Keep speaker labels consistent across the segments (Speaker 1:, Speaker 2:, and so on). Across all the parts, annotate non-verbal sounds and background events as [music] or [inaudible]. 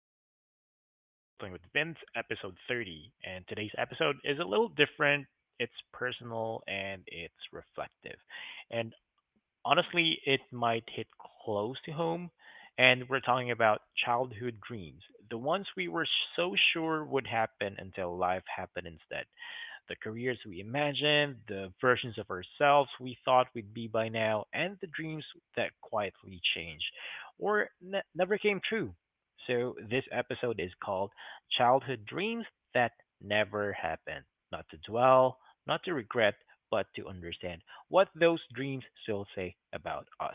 Speaker 1: welcome back to the Art of Adulting with Vince, episode 30. And today's episode is a little different. It's personal and it's reflective. And honestly, it might hit close to home. And we're talking about childhood dreams, the ones we were so sure would happen until life happened, instead the careers we imagined, the versions of ourselves we thought we'd be by now, and the dreams that quietly changed or never came true. So, this episode is called Childhood Dreams That Never Happened. Not to dwell, not to regret, but to understand what those dreams still say about us.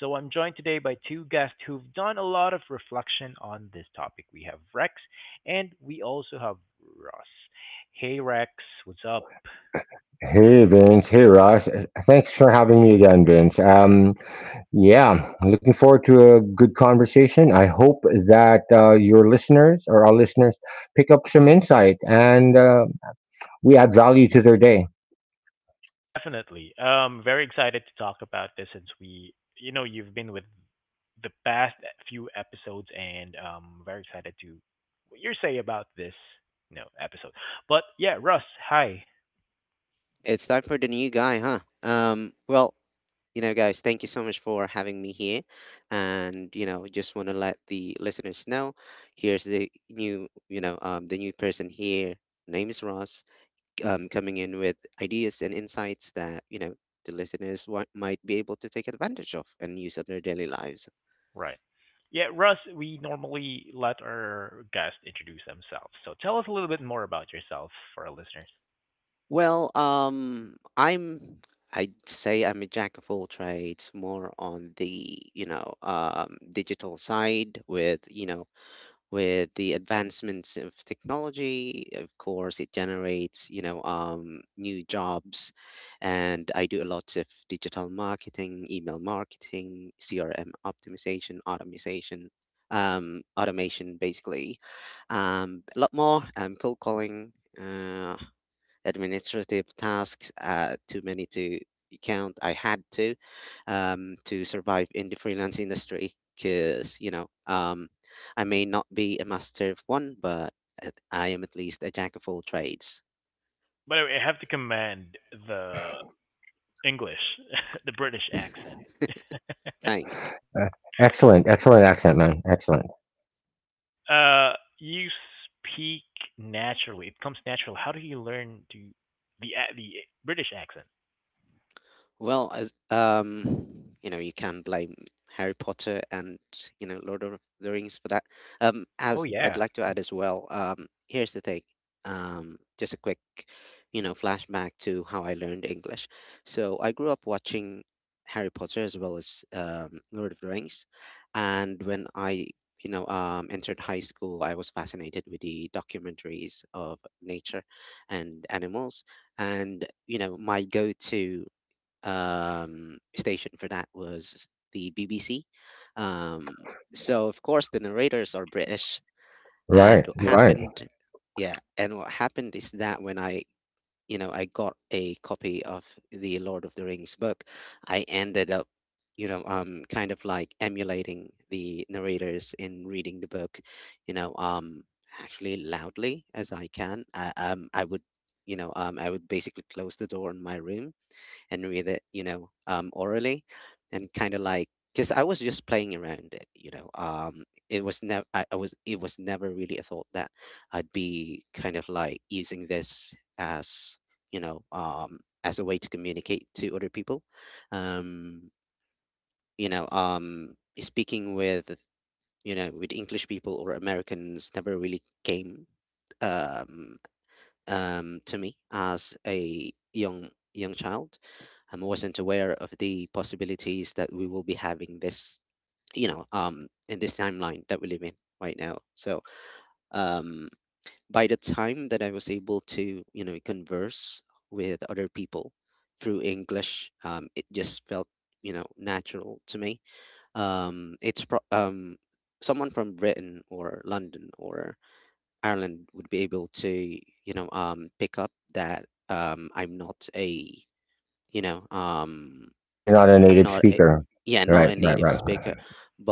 Speaker 1: So, I'm joined today by two guests who've done a lot of reflection on this topic. We have Rex, and we also have Ross. Hey Rex, what's up?
Speaker 2: Hey Vince, hey Ross. Thanks for having me again, Vince. Yeah, looking forward to a good conversation. I hope that your listeners or our listeners pick up some insight, and we add value to their day.
Speaker 1: Definitely. Very excited to talk about this since we, you've been with the past few episodes, and very excited to what you say about this, episode. But yeah, Russ, hi.
Speaker 3: It's time for the new guy, huh? You know, guys, thank you so much for having me here. And, you know, just want to let the listeners know here's the new, the new person here. Name is Ross, coming in with ideas and insights that, you know, the listeners might be able to take advantage of and use in their daily lives.
Speaker 1: Right. Yeah, Russ, we normally let our guests introduce themselves. So tell us a little bit more about yourself for our listeners.
Speaker 3: Well, um, I'm, I'd say I'm a jack of all trades, more on the, digital side with, you know, with the advancements of technology, of course, it generates, new jobs. And I do a lot of digital marketing, email marketing, CRM optimization, automation, automation, basically. A lot more, cold calling. Uh, Administrative tasks, too many to count. I had to survive in the freelance industry because I may not be a master of one, but I am at least a jack of all trades.
Speaker 1: By the way, I have to commend the English, [laughs] the British accent. [laughs]
Speaker 3: Thanks.
Speaker 2: Uh, excellent, excellent accent, man. Excellent.
Speaker 1: Uh, you speak naturally. It comes natural. How do you learn to the British accent?
Speaker 3: Well, as you know, you can blame Harry Potter and you know Lord of the Rings for that.
Speaker 1: Oh
Speaker 3: As I'd
Speaker 1: yeah,
Speaker 3: like to add as well, here's the thing. Just a quick, you know, flashback to how I learned English. So I grew up watching Harry Potter as well as Lord of the Rings, and when I entered high school, I was fascinated with the documentaries of nature and animals and you know my go-to station for that was the BBC. Um, so of course the narrators are British, and
Speaker 2: Right,
Speaker 3: what
Speaker 2: right.
Speaker 3: happened, yeah, and what happened is that when I, you know, I got a copy of the Lord of the Rings book, I ended up, kind of like emulating the narrators in reading the book, you know, um, actually loudly as I can. I would. I would basically close the door in my room and read it, orally, and kind of like because I was just playing around it. It was never I, I was it was never really a thought that I'd be kind of like using this as as a way to communicate to other people. Um, Speaking with you know with English people or Americans never really came. Um, to me as a young young child. I wasn't aware of the possibilities that we will be having this, in this timeline that we live in right now. So um, by the time that I was able to, you know, converse with other people through English, it just felt, you know, natural to me. Um, it's pro- um, Someone from Britain or London or Ireland would be able to, pick up that I'm not a, you know, um,
Speaker 2: You're not a
Speaker 3: I'm
Speaker 2: native
Speaker 3: not a,
Speaker 2: speaker.
Speaker 3: yeah, not
Speaker 2: Right,
Speaker 3: a
Speaker 2: right,
Speaker 3: native
Speaker 2: right,
Speaker 3: speaker,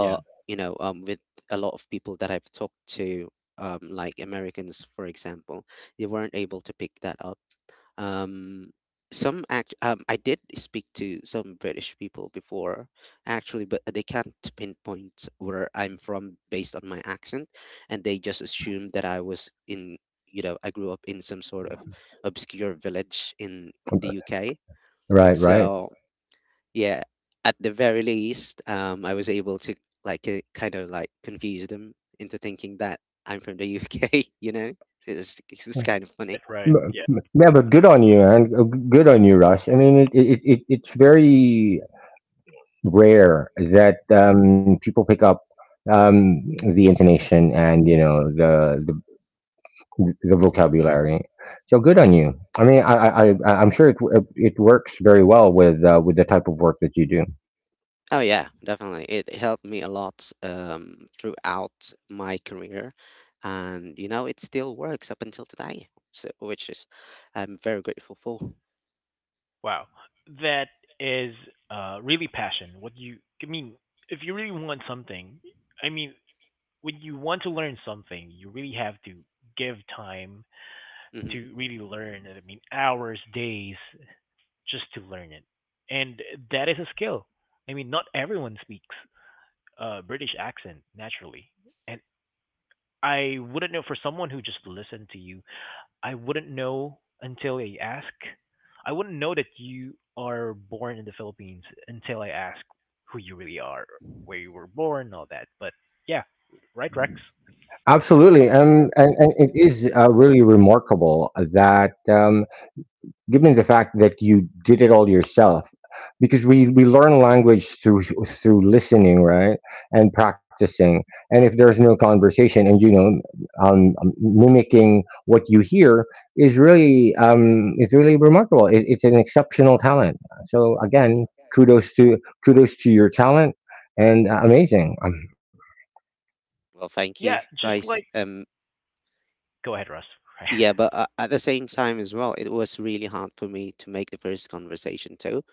Speaker 1: yeah.
Speaker 3: with a lot of people that I've talked to, like Americans, for example, they weren't able to pick that up um, some act I did speak to some British people before, actually, but they can't pinpoint where I'm from based on my accent, and they just assumed that I was in, you know, I grew up in some sort of obscure village in the UK.
Speaker 2: right, right.
Speaker 3: So yeah, at the very least, I was able to kind of like confuse them into thinking that I'm from the UK. [laughs] You know, so it's kind of funny.
Speaker 1: Right, right. Yeah.
Speaker 2: Yeah, but good on you, and good on you, Rush. I mean, it's very rare that people pick up um, the intonation, and you know, the vocabulary. So good on you. I mean, I'm sure it works very well with the type of work that you do.
Speaker 3: Oh yeah, definitely. It helped me a lot throughout my career, and you know it still works up until today, so, which is I'm very grateful for.
Speaker 1: Wow, that is really passion. What you I mean, if you really want something, I mean, when you want to learn something, you really have to give time
Speaker 3: Hmm.
Speaker 1: to really learn. I mean, hours, days, just to learn it, and that is a skill. I mean, not everyone speaks British accent naturally, and I wouldn't know for someone who just listened to you. I wouldn't know until I ask. I wouldn't know that you are born in the Philippines until I ask who you really are, where you were born, all that. But yeah, right, Rex.
Speaker 2: Absolutely, and it is really remarkable that. Given the fact that you did it all yourself, because we learn language through listening, right, and practicing. And if there's no conversation, and you know, mimicking what you hear is really it's really remarkable. It's an exceptional talent, so again, kudos to kudos to your talent. And amazing
Speaker 3: Well, thank you
Speaker 1: Yeah, just
Speaker 3: guys.
Speaker 1: like go ahead, Russ. [laughs]
Speaker 3: Yeah, but at the same time as well, it was really hard for me to make the first conversation too,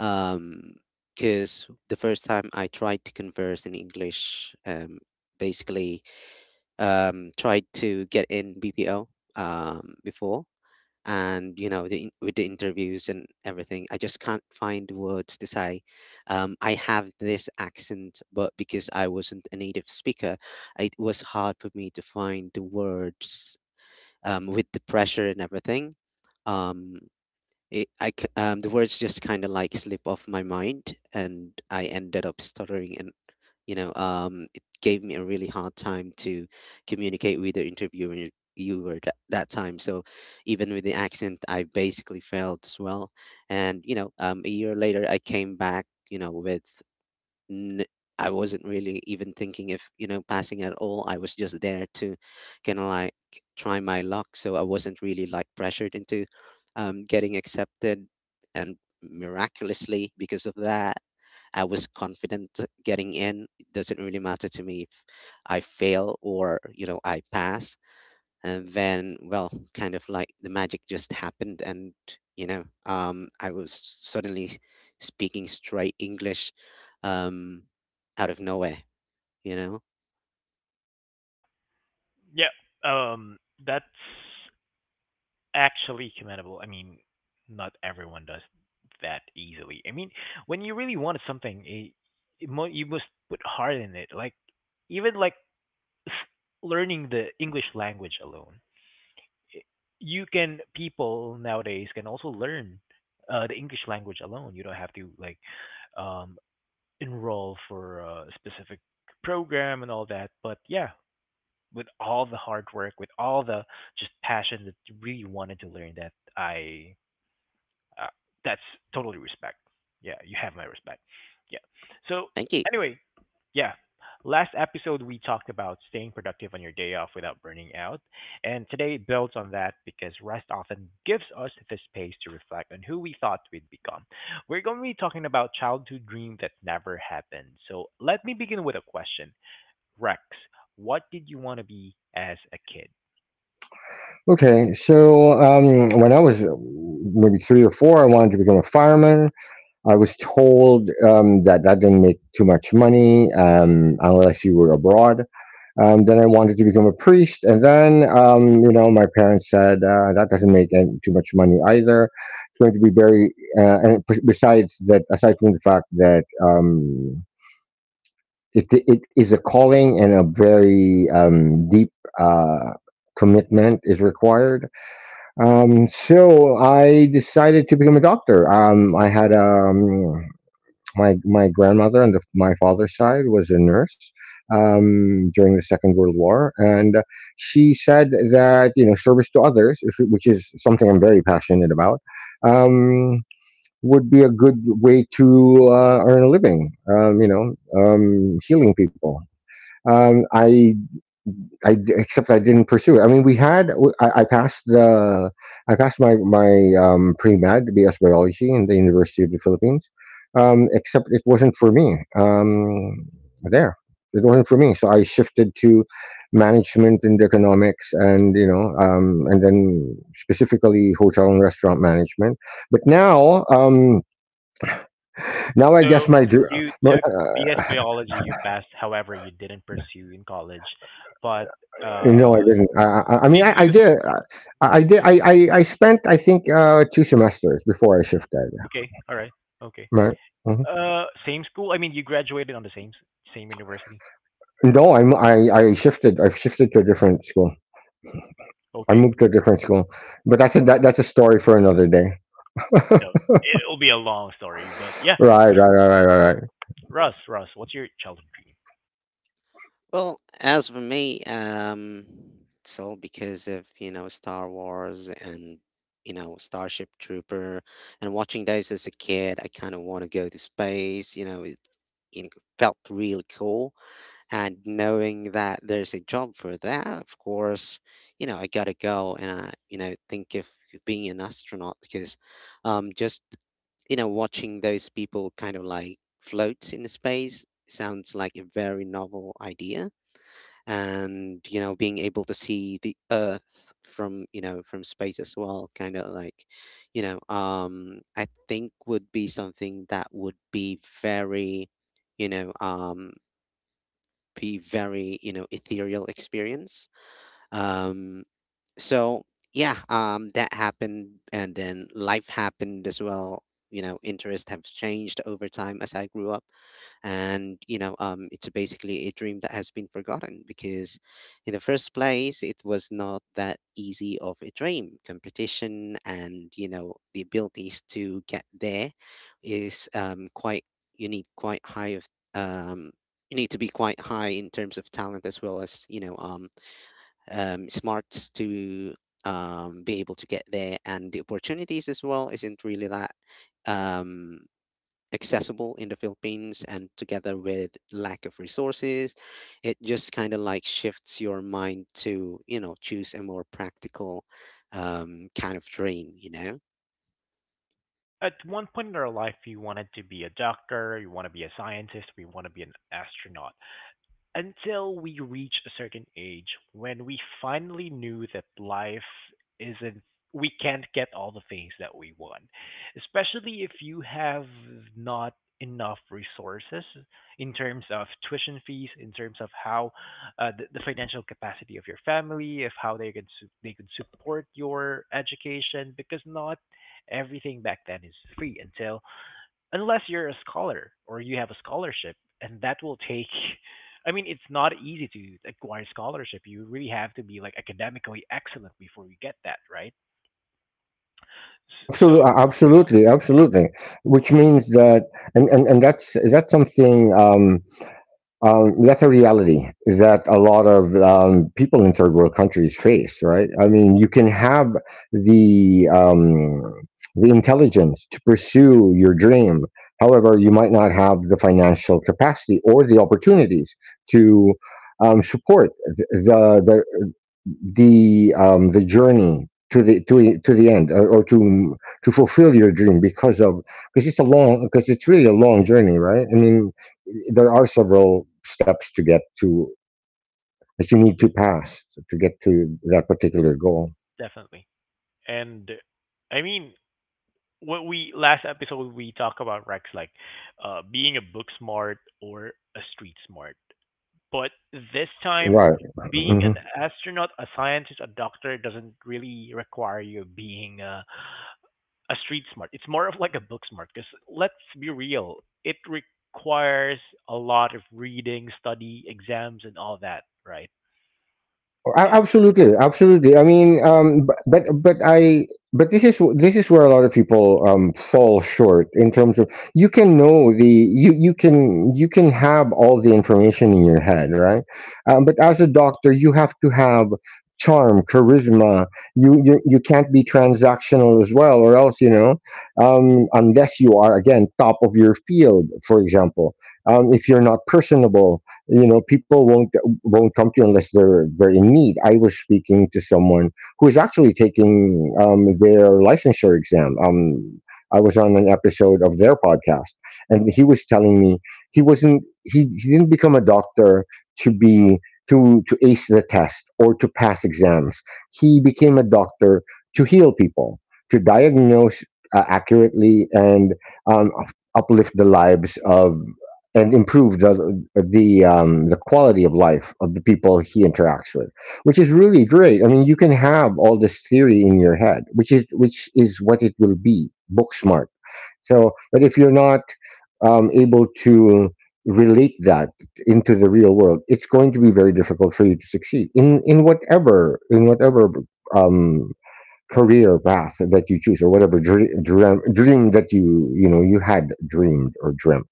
Speaker 3: um, because the first time I tried to converse in English, basically tried to get in BPO before and you know with the interviews and everything I just can't find words to say, I have this accent but because I wasn't a native speaker it was hard for me to find the words with the pressure and everything. um, the words just kind of like slip off my mind, and I ended up stuttering, and it gave me a really hard time to communicate with the interviewer viewer that, that time. So even with the accent, I basically failed as well. And a year later, I came back, you know, n- I wasn't really even thinking if, you know, passing at all. I was just there to kind of like try my luck. So I wasn't really like pressured into getting accepted. And miraculously, because of that, I was confident getting in. It doesn't really matter to me if I fail or, you know, I pass and then well kind of like the magic just happened and I was suddenly speaking straight English, um out of nowhere, you know.
Speaker 1: Yeah, yeah. Um, that's actually commendable. I mean, not everyone does that easily. I mean, when you really wanted something, you must put heart in it. Like even like s- learning the English language alone, I- you can people nowadays can also learn the English language alone. You don't have to like um, enroll for a specific program and all that. But yeah, with all the hard work, with all the just passion that you really wanted to learn that, I uh, that's totally respect. Yeah, you have my respect. Yeah. So
Speaker 3: Thank you.
Speaker 1: anyway, yeah. Last episode we talked about staying productive on your day off without burning out, and today builds on that because rest often gives us the space to reflect on who we thought we'd become. We're going to be talking about childhood dream that never happened. So let me begin with a question. Rex, what did you want to be as a kid?
Speaker 2: okay, so when I was maybe three or four, I wanted to become a fireman. I was told that didn't make too much money, unless you were abroad. Then I wanted to become a priest, and then you know, my parents said that doesn't make too much money either. It's going to be very besides that, aside from the fact that it is a calling, and a very deep uh, commitment is required. So I decided to become a doctor. I had My grandmother on my father's side was a nurse during the Second World War, and she said that you know, service to others, which is something I'm very passionate about, um, would be a good way to earn a living. You know, healing people. Um, I Except I didn't pursue it. I mean, I passed my pre med BS biology in the University of the Philippines, except it wasn't for me. There, it wasn't for me. So I shifted to management and economics, and you know, and then specifically hotel and restaurant management. But now, I
Speaker 1: So
Speaker 2: guess my
Speaker 1: you took BS biology, you passed, however you didn't pursue in college. But
Speaker 2: No, I
Speaker 1: uh
Speaker 2: didn't. I mean,
Speaker 1: did
Speaker 2: I
Speaker 1: you.
Speaker 2: did. I did. I spent, I think, two semesters before I shifted.
Speaker 1: Oh, okay, all right. Okay.
Speaker 2: Right. Mhm.
Speaker 1: Same school? I mean you graduated on the same university.
Speaker 2: No, I'm, I shifted. I've shifted to a different school. I
Speaker 1: Okay.
Speaker 2: moved to a different school, but that's a story for another day.
Speaker 1: I
Speaker 2: [laughs]
Speaker 1: know. It'll be a long story, but yeah.
Speaker 2: Right, right, right, right, right, right.
Speaker 1: Russ, Russ, what's your childhood dream?
Speaker 3: Well as for me It's all because of you know Star Wars and you know Starship Trooper and watching those as a kid I kind of want to go to space. It felt really cool. And knowing that there's a job for that, of course, you know, I gotta go and I, you know, think of being an astronaut because um, just, you know, watching those people kind of like float in space sounds like a very novel idea. And, you know, being able to see the Earth from, you know, from space as well, kind of like, I think would be something that would be very, you know, um, be very you know ethereal experience. um so yeah, that happened and then life happened as well, you know interests have changed over time as I grew up. And it's basically a dream that has been forgotten because in the first place it was not that easy of a dream, competition and you know the abilities to get there is quite, you need quite high of um you need to be quite high in terms of talent as well as smarts to be able to get there, and the opportunities as well isn't really that um, accessible in the Philippines. And together with lack of resources, it just kind of like shifts your mind to you know choose a more practical kind of dream, you know.
Speaker 1: At one point in our life, you wanted to be a doctor, you want to be a scientist, we want to be an astronaut, until we reach a certain age when we finally knew that life isn't, we can't get all the things that we want, especially if you have not enough resources in terms of tuition fees, in terms of how the financial capacity of your family, of how they could support your education, because not everything back then is free until, unless you're a scholar or you have a scholarship, and that will take. [laughs] I mean, it's not easy to acquire scholarship. You really have to be like academically excellent before you get that, right? S-
Speaker 2: Absolutely,
Speaker 1: So
Speaker 2: absolutely, absolutely. Which means that, and that's is that something. That's a reality that a lot of people in third world countries face, right? I mean, you can have the um, the intelligence to pursue your dream. However, you might not have the financial capacity or the opportunities to support th- the, the the journey to to the end, or to fulfill your dream, because of because it's a long, because it's really a long journey, right? I mean, there are several steps to get to that you need to pass to get to that particular goal.
Speaker 1: definitely, and I mean, what we last episode we talked about Rex like being a book smart or a street smart, but this time
Speaker 2: Right.
Speaker 1: being
Speaker 2: Mm-hmm.
Speaker 1: an astronaut, a scientist, a doctor doesn't really require you being a street smart. It's more of like a book smart because let's be real, it requires a lot of reading, study, exams, and all that, right?
Speaker 2: Absolutely, absolutely. I mean, b- but I but this is
Speaker 3: Yeah, I
Speaker 2: this
Speaker 3: think
Speaker 2: is
Speaker 3: so
Speaker 2: where a lot of
Speaker 3: too, you
Speaker 2: people
Speaker 3: know.
Speaker 2: fall short in terms of you you can have all the information in your head, right? But as a doctor, you have to have charm, charisma. You can't be transactional as well, or else you know, unless you are again top of your field, for example. If you're not personable, you know, people won't come to you unless they're in need. I was speaking to someone who is actually taking their licensure exam. I was on an episode of their podcast, and he was telling me he wasn't he didn't become a doctor to be to ace the test or to pass exams. He became a doctor to heal people, to diagnose accurately, and um, uplift the lives of, and improve the quality of life of the people he interacts with, which is really great. I mean, you can have all this theory in your head, which is what it will be, book smart. So, but if you're not able to relate that into the real world, it's going to be very difficult for you to succeed in whatever, um, career path that you choose, or whatever dream that you know, you had dreamed or dreamt.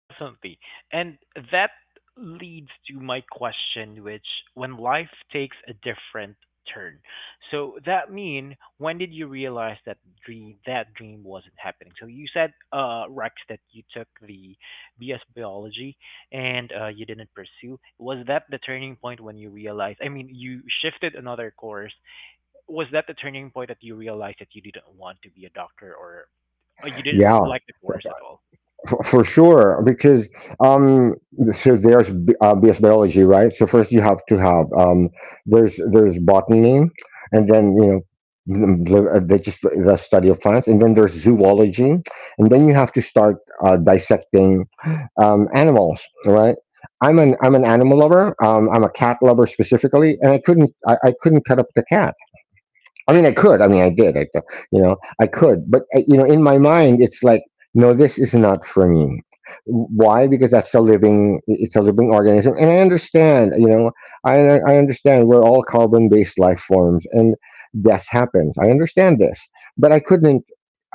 Speaker 1: Definitely. And that leads to my question, which when life takes a different turn. So that mean when did you realize that dream wasn't happening? So you said Rex that you took the BS biology and you didn't pursue. Was that the turning point when you realized, I mean you shifted another course. Was that the turning point that you realized that you didn't want to be a doctor, or you
Speaker 2: Yeah.
Speaker 1: didn't like the course at all?
Speaker 2: For sure, because um there's BS biology, right? So first you have to have there's botany, and then you know, m- the just the study of plants. And then there's zoology, and then you have to start dissecting animals, right? I'm an animal lover, I'm a cat lover specifically, and I couldn't cut up the cat. I mean, I could. I mean, I did. You know, I could. But you know, in my mind, it's like, no, this is not for me. Why? Because that's a living. It's a living organism, and I understand. You know, I I understand we're all carbon-based life forms, and death happens. I understand this, but I couldn't.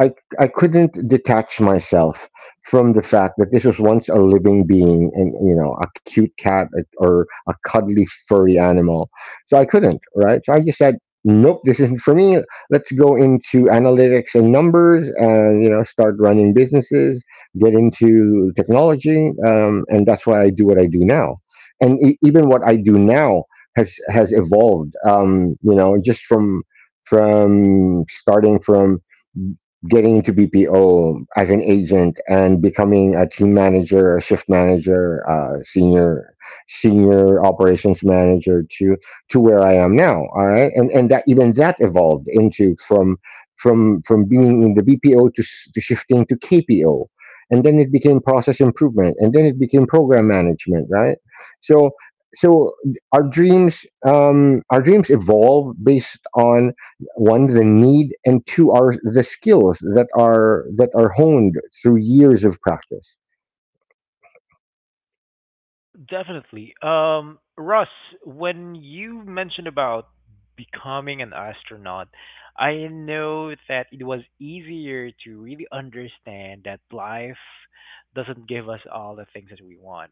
Speaker 2: I I couldn't detach myself from the fact that this was once a living being, and you know, a cute cat or a cuddly furry animal. So I couldn't, right? So I just said, nope, this isn't for me. Let's go into analytics and numbers, and you know, start running businesses, get into technology, and that's why I do what I do now. And e- even what I do now has evolved. You know, just from starting from getting into BPO as an agent, and becoming a team manager, a shift manager, senior operations manager, to where I am now. All right, and that even that evolved into, from being in the BPO to, to shifting to KPO, and then it became process improvement, and then it became program management. Right, so so our dreams, evolve based on one, the need, and two, are the skills that are honed through years of practice.
Speaker 1: Well, definitely. Russ, when you mentioned about becoming an astronaut, I know that it was easier to really understand that life doesn't give us all the things that we want.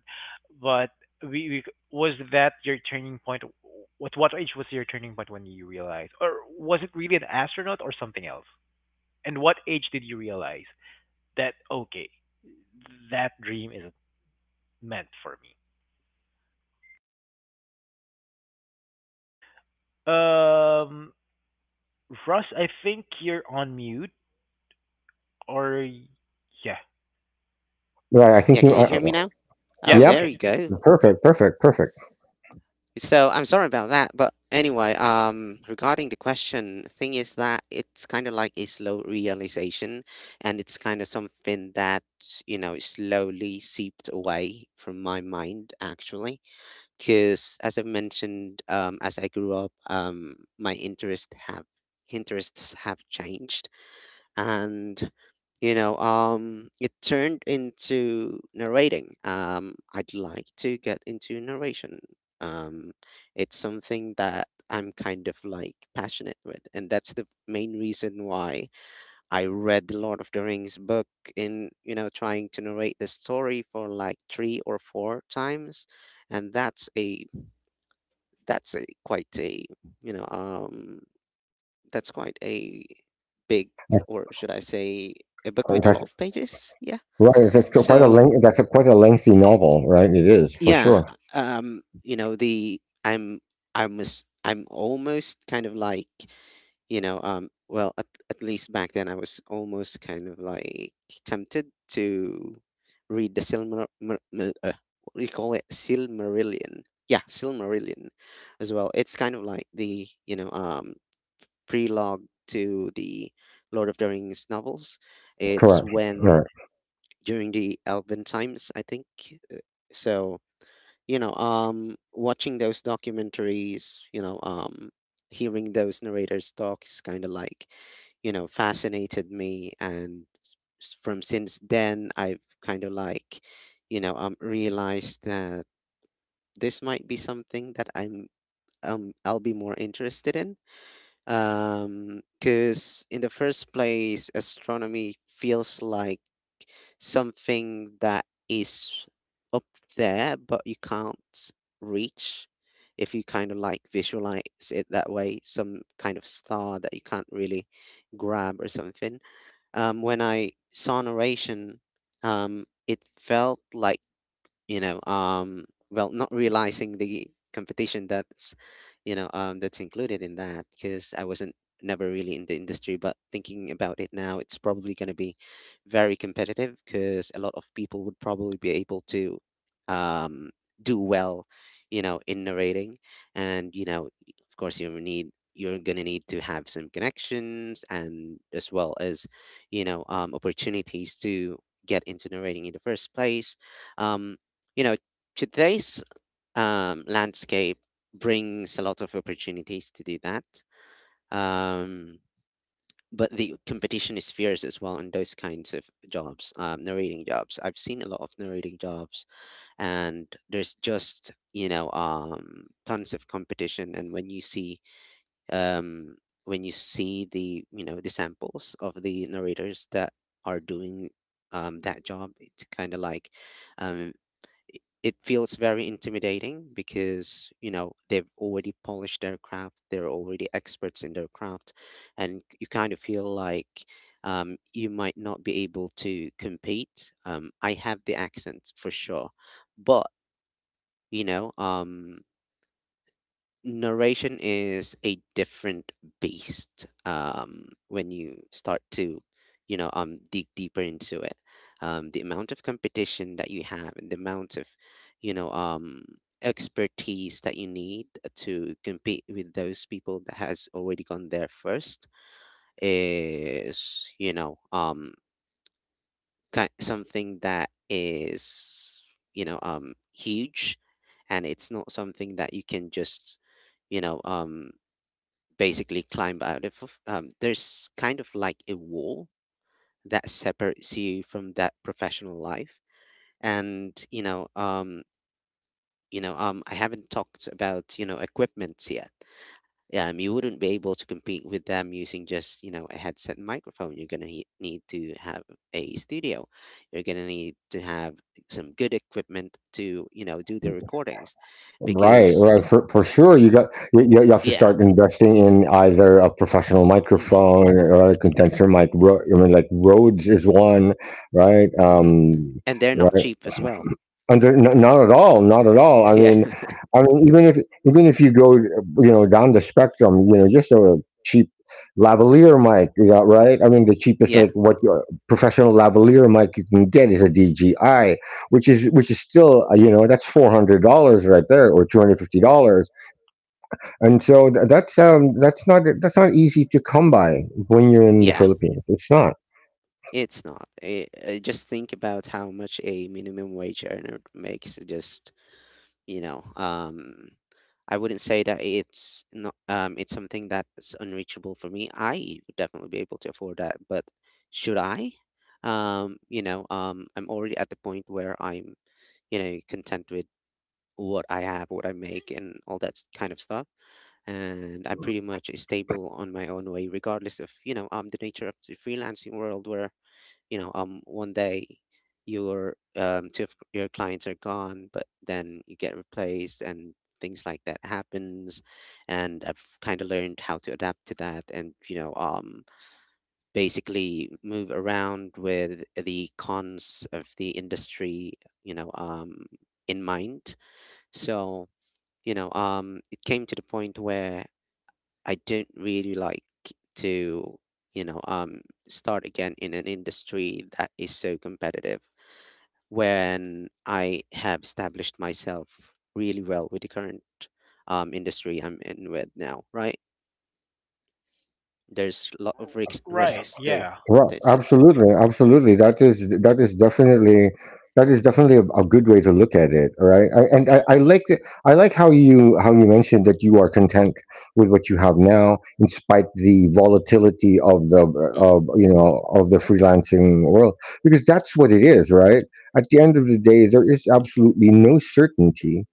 Speaker 1: But we, we was that your turning point? What age was your turning point when you realized, or was it really an astronaut or something else? And what age did you realize that okay, that dream isn't meant for me? Um, Russ, I think you're on mute, or yeah,
Speaker 2: Right, I think
Speaker 3: Yeah,
Speaker 2: you.
Speaker 3: can you hear me now?
Speaker 1: yeah,
Speaker 3: Oh, there
Speaker 2: Yep,
Speaker 1: okay,
Speaker 3: you
Speaker 1: good,
Speaker 3: go.
Speaker 1: good.
Speaker 2: perfect, perfect, perfect.
Speaker 3: So I'm sorry about that, but anyway, regarding the question, thing is that it's kind of like a slow realization, and it's kind of something that you know slowly seeped away from my mind actually, because as I mentioned, as I grew up, my interests have changed. And it turned into narrating. I'd like to get into narration. um it's something that I'm kind of like passionate with, and that's the main reason why I read the Lord of the Rings book, in you know trying to narrate the story for like three or four times. And that's a quite a, you know um that's quite a big, or should I say, a book with a lot of pages. Yeah.
Speaker 2: Right, that's q quite a
Speaker 3: So
Speaker 2: length that's a quite a lengthy novel, right? It is, for
Speaker 3: yeah,
Speaker 2: sure.
Speaker 3: you know, the I'm was I'm almost kind of like at least back then I was almost kind of like tempted to read the what do you call it, Silmarillion. Yeah, Silmarillion, as well. It's kind of like the prelogue to the Lord of the Rings novels. It's
Speaker 2: Correct.
Speaker 3: when
Speaker 2: Right.
Speaker 3: during the Elven times, I think. Uh, So, watching those documentaries, hearing those narrators talk is kind of like, you know, fascinated me. And from since then, I've kind of like, realized that this might be something that I'll be more interested in because in the first place, astronomy feels like something that is up there, but you can't reach. If you kind of like visualize it that way, some kind of star that you can't really grab or something. When I saw narration, it felt like you know um well, not realizing the competition that's that's included in that, because I wasn't. Never really in the industry, but thinking about it now, it's probably going to be very competitive because a lot of people would probably be able to um do well, you know, in narrating. And you know, of course you need, you're going to need to have some connections, and as well as opportunities to get into narrating in the first place. um, you know, Today's landscape brings a lot of opportunities to do that. Um, but the competition is fierce as well in those kinds of jobs, narrating jobs. I've seen a lot of narrating jobs, and there's just tons of competition. And um, when you see the, you know, the samples of the narrators that are doing that job, it's kind of like um, it feels very intimidating because, you know, they've already polished their craft, they're already experts in their craft, and you kind of feel like you might not be able to compete. I have the accent for sure, but you know um, narration is a different beast when you start to dig deeper into it. The amount of competition that you have and the amount of you know um expertise that you need to compete with those people that has already gone there first is something that is huge, and it's not something that you can just you know um basically climb out of. There's kind of like a wall that separates you from that professional life, and I haven't talked about, you know, equipment yet. Yeah. You wouldn't be able to compete with them using just, you know, a headset and microphone. Need to have a studio. You're gonna need to have some good equipment to, you know, do the recordings,
Speaker 2: Right,
Speaker 3: because
Speaker 2: right, for sure. You got you have to
Speaker 3: yeah,
Speaker 2: start investing in either a professional
Speaker 3: hmm
Speaker 2: microphone or a condenser mic. Ro I mean, like, Rhodes is one, right?
Speaker 3: hmm. And they're not cheap as well.
Speaker 2: Under, not at all, not at all. I
Speaker 3: [laughs] Yeah.
Speaker 2: mean, I mean, even if even if you go, you know, down the spectrum, you know, just a cheap lavalier mic, you know, right? I mean, the cheapest
Speaker 3: Yeah,
Speaker 2: like what, your professional lavalier mic you can get is a DJI, which is still, you know, that's $400 right there, or $250, and so that's not easy to come by when you're in the
Speaker 3: yeah.
Speaker 2: Philippines. It's not.
Speaker 3: It's not. I just think about how much a minimum wage earner makes. Just you know, um, I wouldn't say that it's not. It's something that's unreachable for me. I would definitely be able to afford that, but should I? I'm already at the point where I'm, you know, content with what I have, what I make, and all that kind of stuff. And I'm pretty much stable on my own way, regardless of the nature of the freelancing world, where one day your two of your clients are gone, but then you get replaced and things like that happens. And I've kind of learned how to adapt to that, and basically move around with the cons of the industry, you know um in mind. So it came to the point where I don't really like to, you know, um, start again in an industry that is so competitive when I have established myself really well with the current industry I'm in with now, right? There's a lot of risks,
Speaker 1: Right,
Speaker 3: risks too.
Speaker 1: yeah,
Speaker 2: Well,
Speaker 3: That's it.
Speaker 2: absolutely, absolutely. That is definitely that is definitely a good way to look at it, right? And I
Speaker 3: hmm
Speaker 2: like I like how you mentioned that you are content with what you have now, in spite the volatility of the
Speaker 3: hmm.
Speaker 2: of you know, of the freelancing world, because that's what it is, right? At the end of the day, there is absolutely no certainty,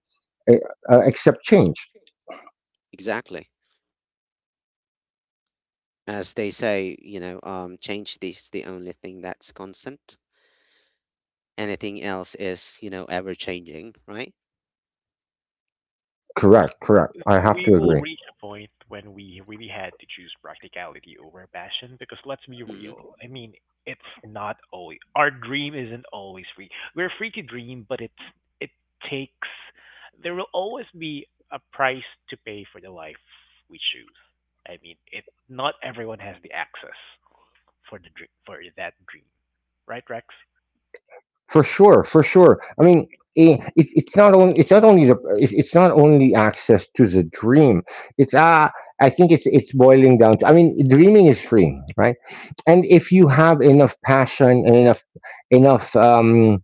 Speaker 2: eh, accept change.
Speaker 3: Exactly. As they say, change is the only thing that's constant. Anything else is, you know, ever changing, right?
Speaker 1: because
Speaker 2: Correct, correct. I have
Speaker 1: we
Speaker 2: to
Speaker 1: will
Speaker 2: agree.
Speaker 1: reach a point when we really had to choose practicality over passion. Because let's be
Speaker 3: Hmm.
Speaker 1: real, I mean, it's not always our dream isn't always free. We're free to dream, but it takes. There will always be a price to pay for the life we choose. I mean, it not everyone has the access for that dream. Right, Rex?
Speaker 2: For sure, for sure, I mean, eh, it, it's not only the it, it's not only access to the dream. It's I think it's boiling down to, I mean, dreaming is free, right? And if you have enough passion and enough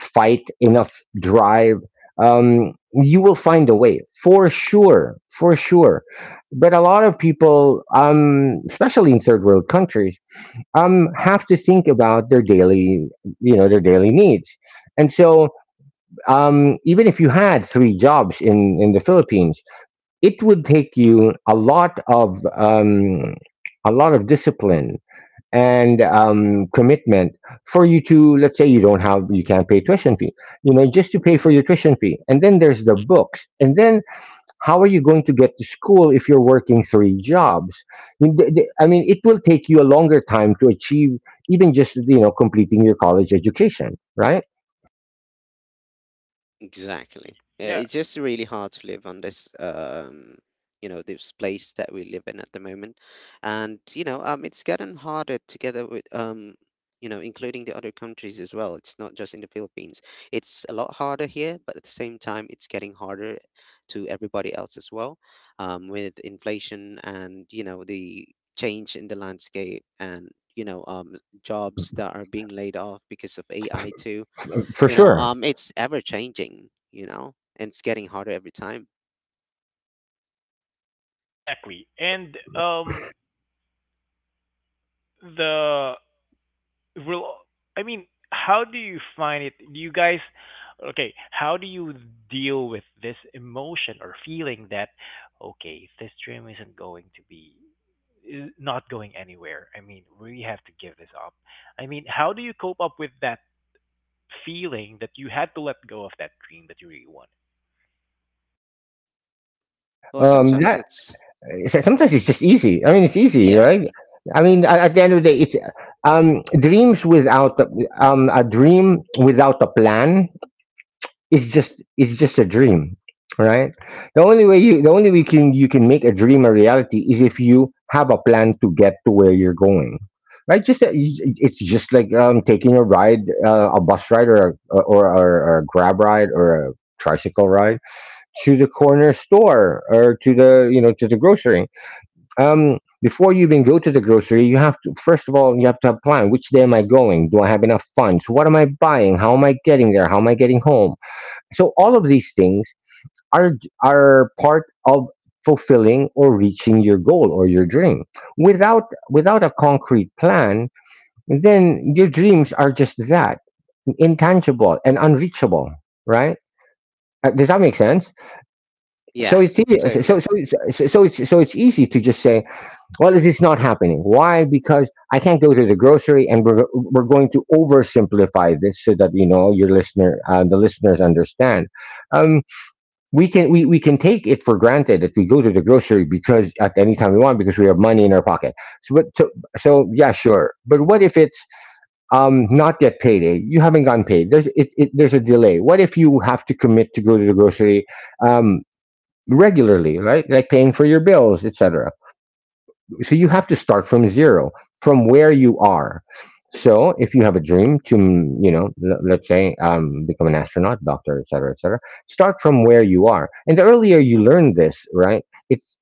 Speaker 2: fight, enough drive, you will find a way, for sure, for sure. But a lot of people, especially in third world countries, have to think about their daily, their daily needs. And so, even if you had three jobs in the Philippines, it would take you a lot of discipline and commitment. For you to, let's say you don't have, you can't pay tuition fee, you know, just to pay for your tuition fee, and then there's the books, and then how are you going to get to school if you're working three jobs? I mean it will take you a longer time to achieve, even just, you know, completing your college education, right?
Speaker 1: Right.
Speaker 3: Exactly. Yeah,
Speaker 1: Yeah,
Speaker 3: it's just really hard to live on this, this place that we live in at the moment, and it's gotten harder together with, including the other countries as well. It's not just in the Philippines. It's a lot harder here, but at the same time, it's getting harder to everybody else as well, with inflation and, you know, the change in the landscape and you know um jobs that are being laid off because of AI too.
Speaker 2: For sure.
Speaker 3: It's ever changing, you know, and it's getting harder every time.
Speaker 1: exactly. And the will. I mean, how do you find it? Do you guys? Okay, how do you deal with this emotion or feeling that okay, this dream isn't going to be, is not going anywhere. I mean, we have to give this up. I mean, how do you cope up with that feeling that you had to let go of that dream that you really wanted?
Speaker 3: Well, sometimes
Speaker 2: That
Speaker 3: it's
Speaker 2: Sometimes it's just easy, I mean, it's easy,
Speaker 3: yeah.
Speaker 2: right? I mean, at the end of the day, it's, um dreams without a- a dream without a plan, it's just a dream, right? The only way you the only way can you can make a dream a reality is if you have a plan to get to where you're going, right? It's just like, taking a ride, a bus ride, or a grab ride, or a tricycle ride to the corner store, or to the, you know, to the grocery. Before you even go to the grocery, you have to, first of all, you have to have a plan. Which day am I going? Do I have enough funds? What am I buying? How am I getting there? How am I getting home? So all of these things are are part of fulfilling or reaching your goal or your dream. Without, without a concrete plan, then your dreams are just that, intangible and unreachable, right? Does that make sense? So
Speaker 3: Yeah,
Speaker 2: it's easy, so so
Speaker 3: totally.
Speaker 2: so so so it's so it's easy to just say, well, this is not happening. Why? Because I can't go to the grocery. And we're going to oversimplify this so that, you know, your listener, the listeners understand. Um, we can take it for granted that we go to the grocery because at any time we want, because we have money in our pocket. So but so, so yeah, sure. But what if it's, not yet payday? You haven't gotten paid. There's, it there's a delay. What if you have to commit to go to the grocery um regularly, right? Like paying for your bills, etc. So you have to start from zero, from where you are. So if you have a dream to, you know, let's say, become an astronaut, doctor, etc, etc. Start from where you are, and the earlier you learn this, right? It's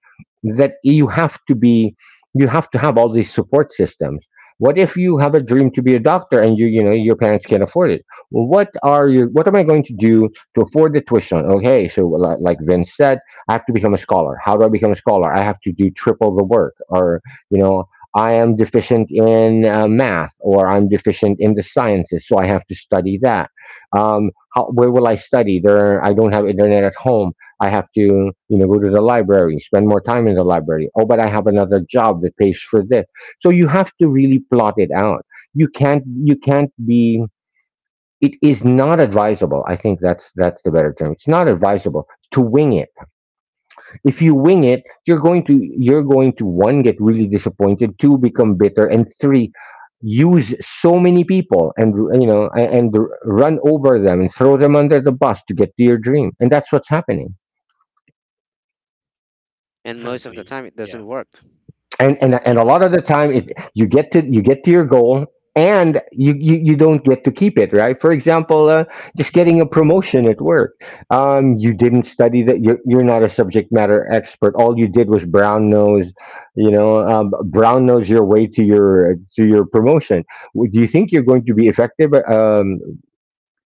Speaker 2: that you have to be, you have to have all these support systems. What if you have a dream to be a doctor and you know your parents can't afford it? What are your what am I going to do to afford the tuition? Okay, so like Vince said, I have to become a scholar. How do I become a scholar? I have to do triple the work, or, you know, I am deficient in, math, or I'm deficient in the sciences, so I have to study that. How, where will I study? There, I don't have internet at home. I have to, you know, go to the library, spend more time in the library. Oh, but I have another job that pays for this. So you have to really plot it out. You can't be. It is not advisable. I think that's the better term. It's not advisable to wing it. If you wing it, you're going to, you're going to, one, get really disappointed, two, become bitter, and three, use so many people and, you know, and run over them and throw them under the bus to get to your dream, and that's what's happening.
Speaker 3: And most of the
Speaker 1: Definitely.
Speaker 3: time it doesn't
Speaker 1: Yeah.
Speaker 3: work.
Speaker 2: And a lot of the time, it, you get to, you get to your goal, and you, you don't get to keep it, right? For example, just getting a promotion at work. You didn't study that, you're not a subject matter expert, all you did was brown nose, you know, brown nose your way to your, to your promotion. Do you think you're going to be effective,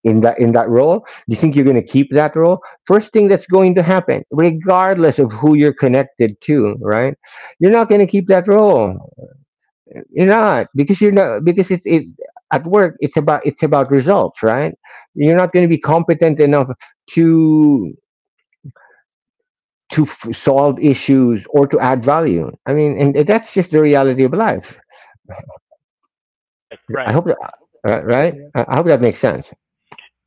Speaker 2: in that, in that role? Do you think you're going to keep that role? First thing that's going to happen, regardless of who you're connected to, right? You're not going to keep that role. You're not, because you're not, because it's it at work, it's about, it's about results, right? You're not going to be competent enough to to solve issues or to add value, I mean. And that's just the reality of life.
Speaker 1: Right,
Speaker 2: I
Speaker 1: right.
Speaker 2: hope that, uh, I hope that makes sense.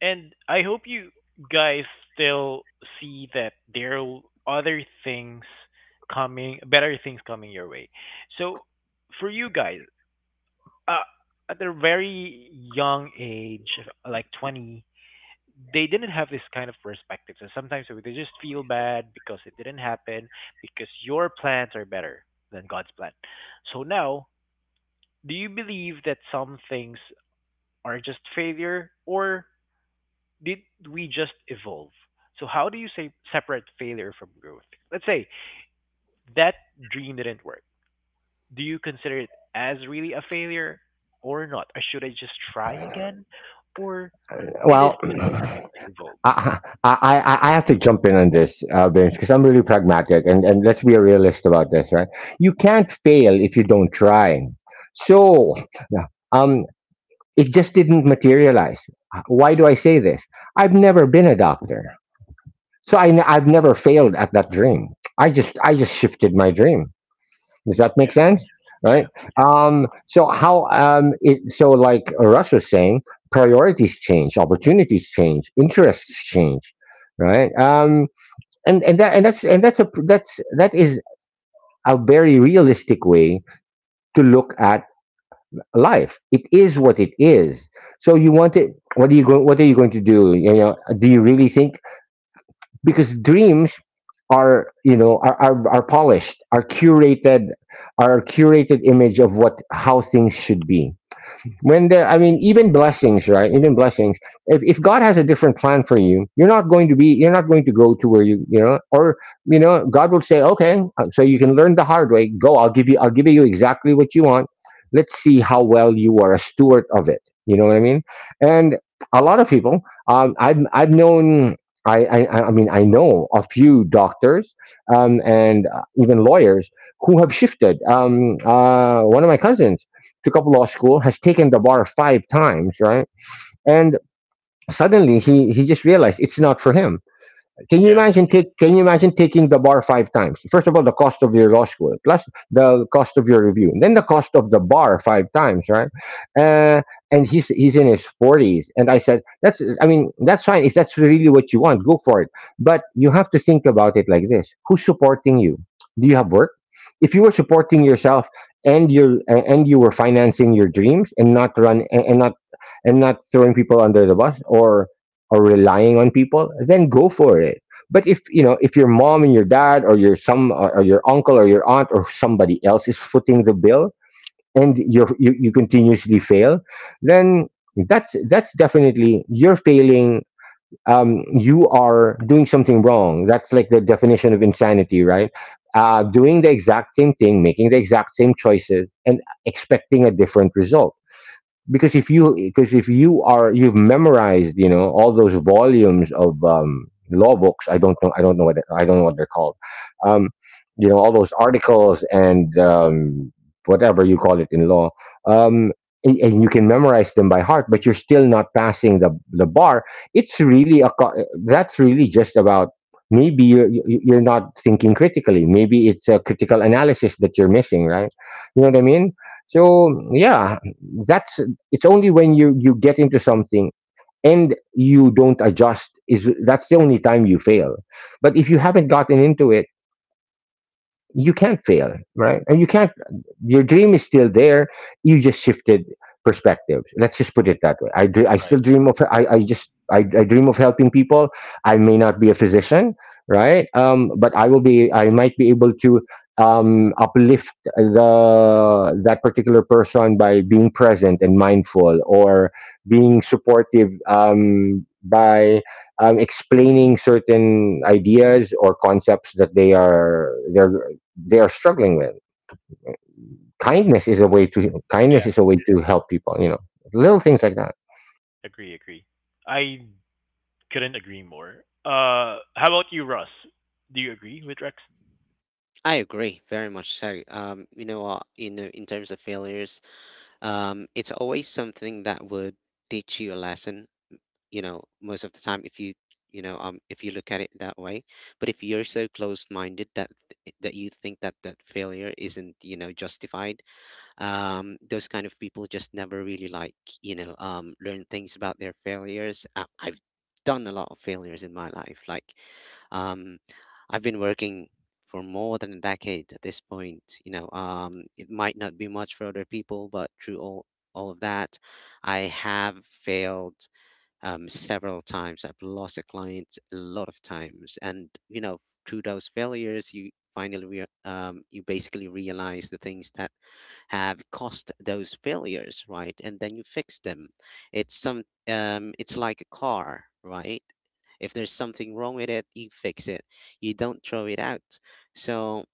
Speaker 1: And I hope you guys still see that there are other things coming, better things coming your way. So, for you guys, uh, at a very young age, like 20, they didn't have this kind of perspective. So sometimes they just feel bad because it didn't happen, because your plans are better than God's plan. So now, do you believe that some things are just failure, or did we just evolve? So how do you say separate failure from growth? Let's say that dream didn't work. Do you consider it as really a failure or not? Or should I just try again? Or it is
Speaker 2: Well,
Speaker 1: just the time to evolve.
Speaker 2: [clears throat] I, I, I I have to jump in on this, Vince, because I'm really pragmatic, and let's be a realist about this, right? You can't fail if you don't try. So, yeah, um, it just didn't materialize. Why do I say this? I've never been a doctor, so I have never failed at that dream. I just shifted my dream. Does that make
Speaker 1: Yeah.
Speaker 2: sense?
Speaker 1: Yeah.
Speaker 2: Right. So how? It, so like Russ was saying, priorities change, opportunities change, interests change, right? And that and that's a that's that is a very realistic way to look at life. It is what it is. So you want it. What are you going to do? You know, do you really think, because dreams are, you know, are polished, are curated, are a curated image of what, how things should be? When the i mean even blessings, right? Even blessings, if God has a different plan for you, you're not going to be, you're not going to go to where you know, or, you know, God will say, okay, so you can learn the hard way, go, I'll give you I'll give you exactly what you want. Let's see how well you are a steward of it. You know what I mean? And a lot of people, I've known, I know a few doctors, and, even lawyers who have shifted, one of my cousins took up law school, has taken the bar five times, right? And suddenly he just realized it's not for him. Can you
Speaker 1: Yeah.
Speaker 2: imagine take can you imagine taking the bar five times? First of all, the cost of your law school, plus the cost of your review, and then the cost of the bar five times, right? Uh, and he's in his forties, and I said, "That's, I mean, that's fine. If that's really what you want, go for it." But you have to think about it like this: who's supporting you? Do you have work? If you were supporting yourself, and you were financing your dreams, and not run, and not, and not throwing people under the bus, or relying on people, then go for it. But if, you know, if your mom and your dad, or your some, or your uncle or your aunt or somebody else is footing the bill, and you you continuously fail, then that's definitely, you're failing. Um, you are doing something wrong. That's like the definition of insanity, right? Uh, doing the exact same thing, making the exact same choices, and expecting a different result. Because if you because if you are you've memorized, you know, all those volumes of, law books, I don't know what I don't know what they're called. Um, you know, all those articles and, whatever you call it in law, um, and you can memorize them by heart, but you're still not passing the bar. It's really a that's really just about, maybe you're, you're not thinking critically, maybe it's a critical analysis that you're missing, right? You know what I mean? So, yeah, that's, it's only when you get into something and you don't adjust, is, that's the only time you fail. But if you haven't gotten into it, you can't fail, right? And you can't, your dream is still there. You just shifted perspectives. Let's just put it that way. I, dr- I
Speaker 1: Right.
Speaker 2: still dream of, I dream of helping people. I may not be a physician, right? But I might be able to, uplift the, that particular person by being present and mindful, or being supportive, by, explaining certain ideas or concepts that they're, they are struggling with. Kindness
Speaker 1: Yeah.
Speaker 2: is a way to help people. You know, little things like that.
Speaker 1: Agree, agree. I couldn't agree more. How about you, Russ? Do you agree with Rex?
Speaker 3: I agree very much so. You know what, in terms of failures, it's always something that would teach you a lesson, you know, most of the time, if you you know if you look at it that way. But if you're so closed minded that that you think that that failure isn't, you know, justified, those kind of people just never really, like, learn things about their failures. I've done a lot of failures in my life, like um, I've been working for more than a decade at this point. It might not be much for other people, but through all of that I have failed several times. I've lost a client a lot of times, and you know, through those failures, you finally you basically realize the things that have caused those failures, right? And then you fix them. It's some it's like a car, right? If there's something wrong with it, you fix it. You don't throw it out. So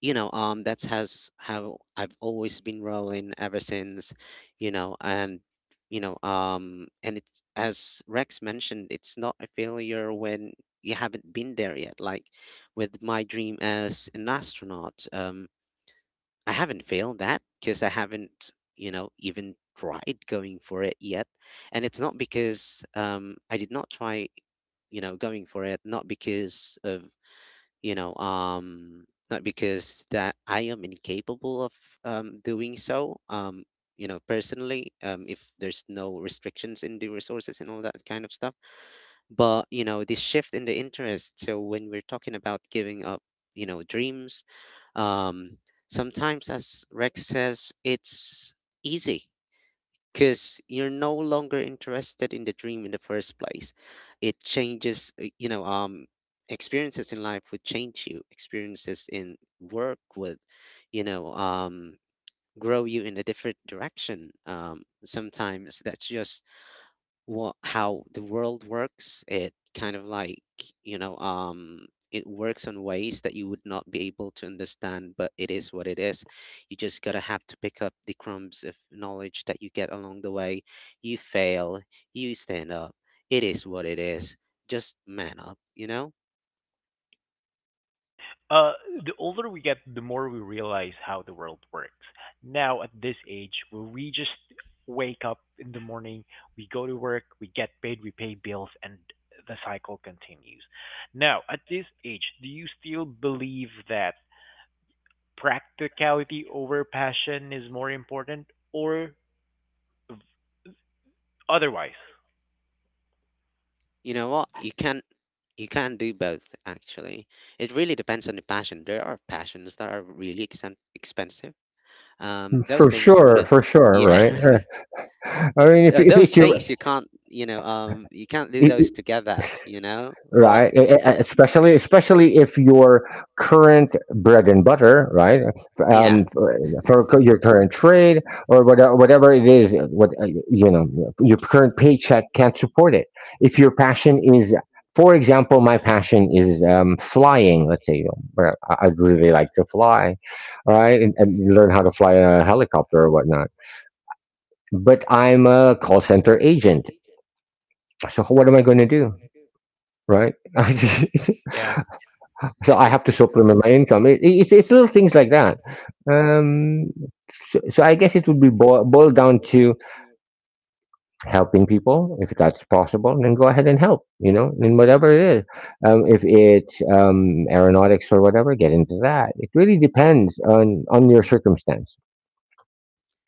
Speaker 3: that's has how I've always been rolling ever since, you know. And and it's, as Rex mentioned, it's not a failure when you haven't been there yet, like with my dream as an astronaut. I haven't failed that because I haven't, you know, even tried going for it yet. And it's not because I did not try, you know, going for it, not because of you know um not because that I am incapable of doing so. You know, personally, if there's no restrictions in the resources and all that kind of stuff. But you know, this shift in the interest, so when we're talking about giving up, you know, dreams, um sometimes, as Rex says, it's easy because you're no longer interested in the dream in the first place. It changes. Experiences in life would change you, experiences in work would you know um grow you in a different direction. Sometimes that's just what, how the world works. It kind of like you know um it works on ways that you would not be able to understand, but it is what it is. You just gotta have to pick up the crumbs of knowledge that you get along the way. You fail, you stand up, it is what it is. Just man up, you know.
Speaker 1: Right. Uh, the older we get, the more we realize how the world works. Now, at this age, where we just wake up in the morning, we go to work, we get paid, we pay bills, and the cycle continues. Now, at this age, do you still believe that practicality over passion is more important, or v- otherwise?
Speaker 3: You know what, you can, you can do both, actually. It really depends on the passion. There are passions that are really expensive. Those things you wouldn't
Speaker 2: For sure,
Speaker 3: yeah.
Speaker 2: right? [laughs]
Speaker 3: [laughs]
Speaker 2: I mean, if
Speaker 3: Those
Speaker 2: it's your
Speaker 3: things you can't, you can't do
Speaker 2: i-
Speaker 3: those together, you know. But
Speaker 2: right especially if your current bread and butter, right?
Speaker 3: yeah.
Speaker 2: um your current trade or whatever it is, what, you know, your current paycheck can't support it. If your passion is, for example, my passion is flying, let's say, you know, where I'd really like to fly, right? And learn how to fly a helicopter or whatnot, but I'm a call center agent, so what am I going to do, right? [laughs] So I have to
Speaker 3: [laughs]
Speaker 2: supplement my income. It's it's little things like that. Um, so I guess it would be boiled down to helping people, if that's possible. Then go ahead and help. You know, in whatever it is. If it's aeronautics or whatever, get into that. It really depends on your circumstance.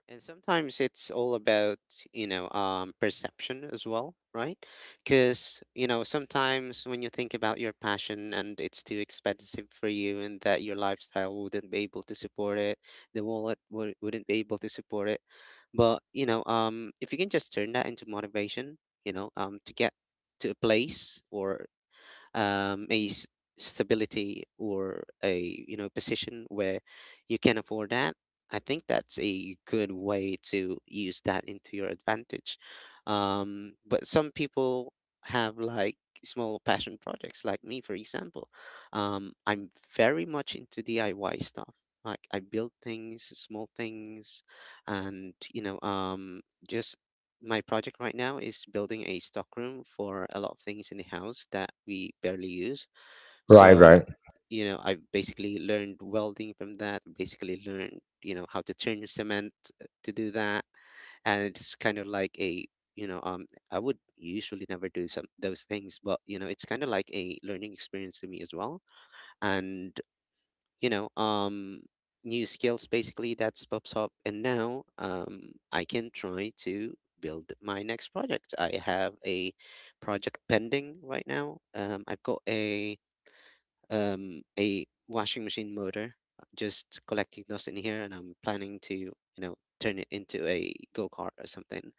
Speaker 3: And sometimes it's all about, perception as well, right? Because, you know, sometimes when you think about your passion and it's too expensive for you and that your lifestyle wouldn't be able to support it, the wouldn't be able to support it. But, if you can just turn that into motivation, to get to a place or um, a s- stability or a, you know, position where you can afford that, I think that's a good way to use that into your advantage. But some people have, like, small passion projects, like me, for example. I'm very much into DIY stuff, like I build things, small things. And just my project right now is building a stockroom for a lot of things in the house that we barely use.
Speaker 2: Right,
Speaker 3: So,
Speaker 2: right,
Speaker 3: you know, I basically learned welding from that, basically learned, you know, how to turn cement, to do that. And it's kind of like a, I would usually never do some those things, but you know, it's kind of like a learning experience to me as well. And you know, um, new skills, basically, that's pops up. And now I can try to build my next project. I have a project pending right now. I've got a washing machine motor, just collecting dust in here, and I'm planning to, you know, turn it into a go kart or something.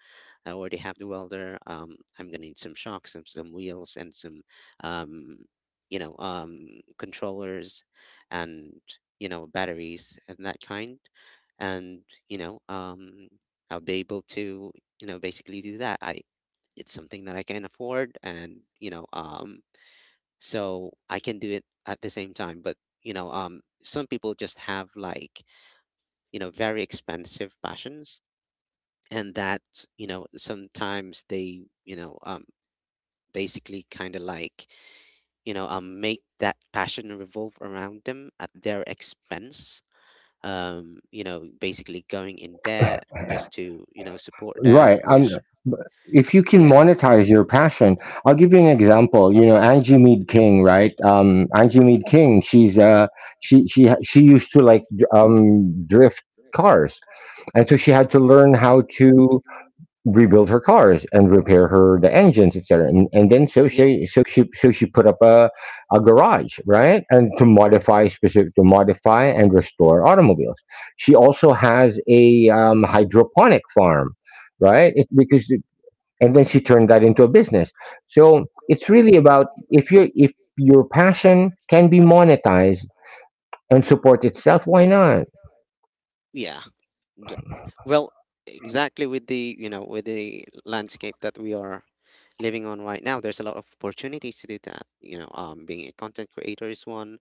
Speaker 3: I already have the welder. I'm gonna need some shocks, some wheels, and some, um, controllers, and you know, batteries and that kind. And you know, um, I'll be able to, you know, basically do that. It's something that I can afford, and so I can do it at the same time. But some people just have, like, you know, very expensive passions, and that sometimes they basically kind of like make that passion revolve around them at their expense. You know, basically going in debt just to, you know, support that,
Speaker 2: right. I'm,
Speaker 3: which
Speaker 2: if you can
Speaker 3: yeah.
Speaker 2: monetize your passion, I'll give you an example. You know, Angie Mead
Speaker 3: Hmm.
Speaker 2: King, right? Angie Mead King, she's she used to like drift cars, and so she had to learn how to rebuild her cars and repair her the engines, etc. And then, so
Speaker 3: Yep.
Speaker 2: she so she so she put up a garage, right? And to modify, specific to modify and restore automobiles. She also has a hydroponic farm, right? It, because, and then she turned that into a business. So it's really about, if you, if your passion can be monetized and support itself, why not?
Speaker 3: Yeah. d- Well, exactly with the, you know, with the landscape that we are living on right now, there's a lot of opportunities to do that. Being a content creator is one.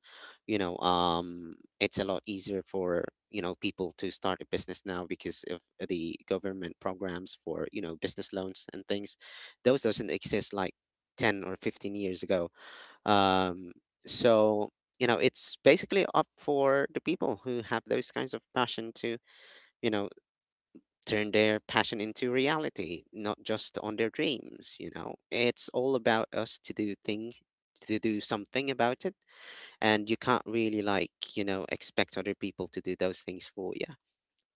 Speaker 3: You know, um, it's a lot easier for, people to start a business now because of the government programs for, business loans and things. Those doesn't exist like 10 or 15 years ago. Um, so, it's basically up for the people who have those kinds of passion to you know, turn their passion into reality, not just on their dreams. It's all about us to do things, to do something about it. And you can't really, expect other people to do those things for you.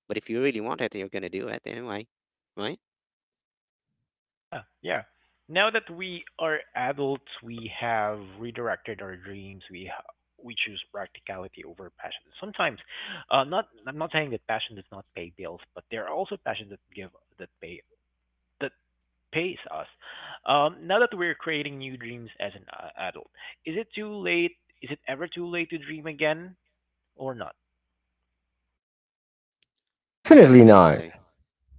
Speaker 3: But if you really want it, you're going to do it anyway, right?
Speaker 1: Yeah, yeah. Now that we are adults, we have redirected our dreams. We choose practicality over passion. Sometimes, not I'm not saying that passion does not pay bills, but there are also passions that pay that pays us. Now that we're creating new dreams as an adult, is it too late? Is it ever too late to dream again or not?
Speaker 3: I don't
Speaker 2: Definitely
Speaker 3: think
Speaker 2: not.
Speaker 3: so.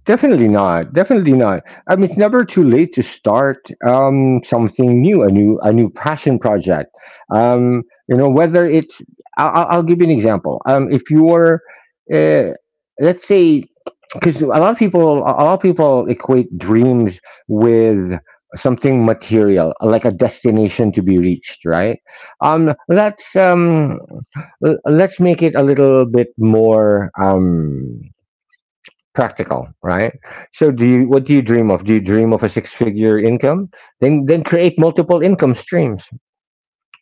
Speaker 2: Definitely not. Definitely not. I mean, it's never too late to start something new, a new, a new passion project. Um, you know, whether it's, I'll give you an example. If you're, uh, let's say, because a lot of people, a lot of people equate dreams with something material, like a destination to be reached, right? Um, let's um, let's make it a little bit more, practical, right? So do you, what do you dream of? Do you dream of a six-figure income? Then create multiple income streams,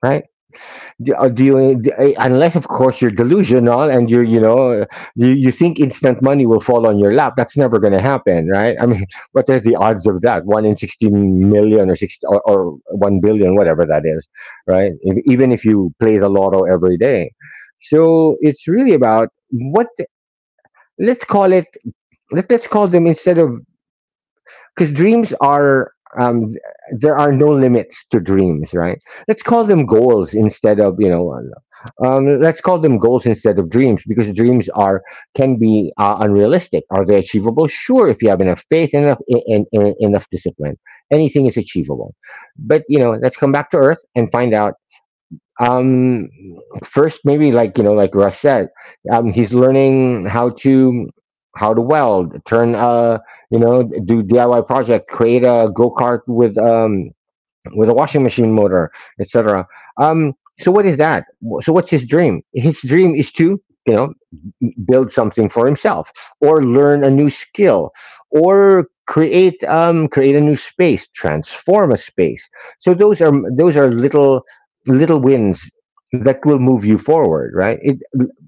Speaker 2: right? Do, do you unless of course you're delusional and you're, you know, you think instant money will fall on your lap. That's never going to happen, right? I mean, [laughs] what are the odds of that? 1 in 16 million, or 6, or 1 billion, whatever that is, right? If, even if you play the lotto every day. So it's really about what, let's call it, let, let's call them, instead of, because dreams are, um there are no limits to dreams, right? Let's call them goals instead of, you know, let's call them goals instead of dreams, because dreams are, can be unrealistic. Are they achievable? Sure, if you have enough faith, enough, and, enough discipline, anything is achievable. But, you know, let's come back to earth and find out, um first, maybe, like, you know, like Russ said, he's learning how to, how to weld, turn, you know, do DIY project, create a go-kart with a washing machine motor, etc. Um, so what is that? So what's his dream? His dream is to, you know, build something for himself, or learn a new skill, or create create a new space, transform a space. So those are, those are little, little wins that will move you forward, right? It,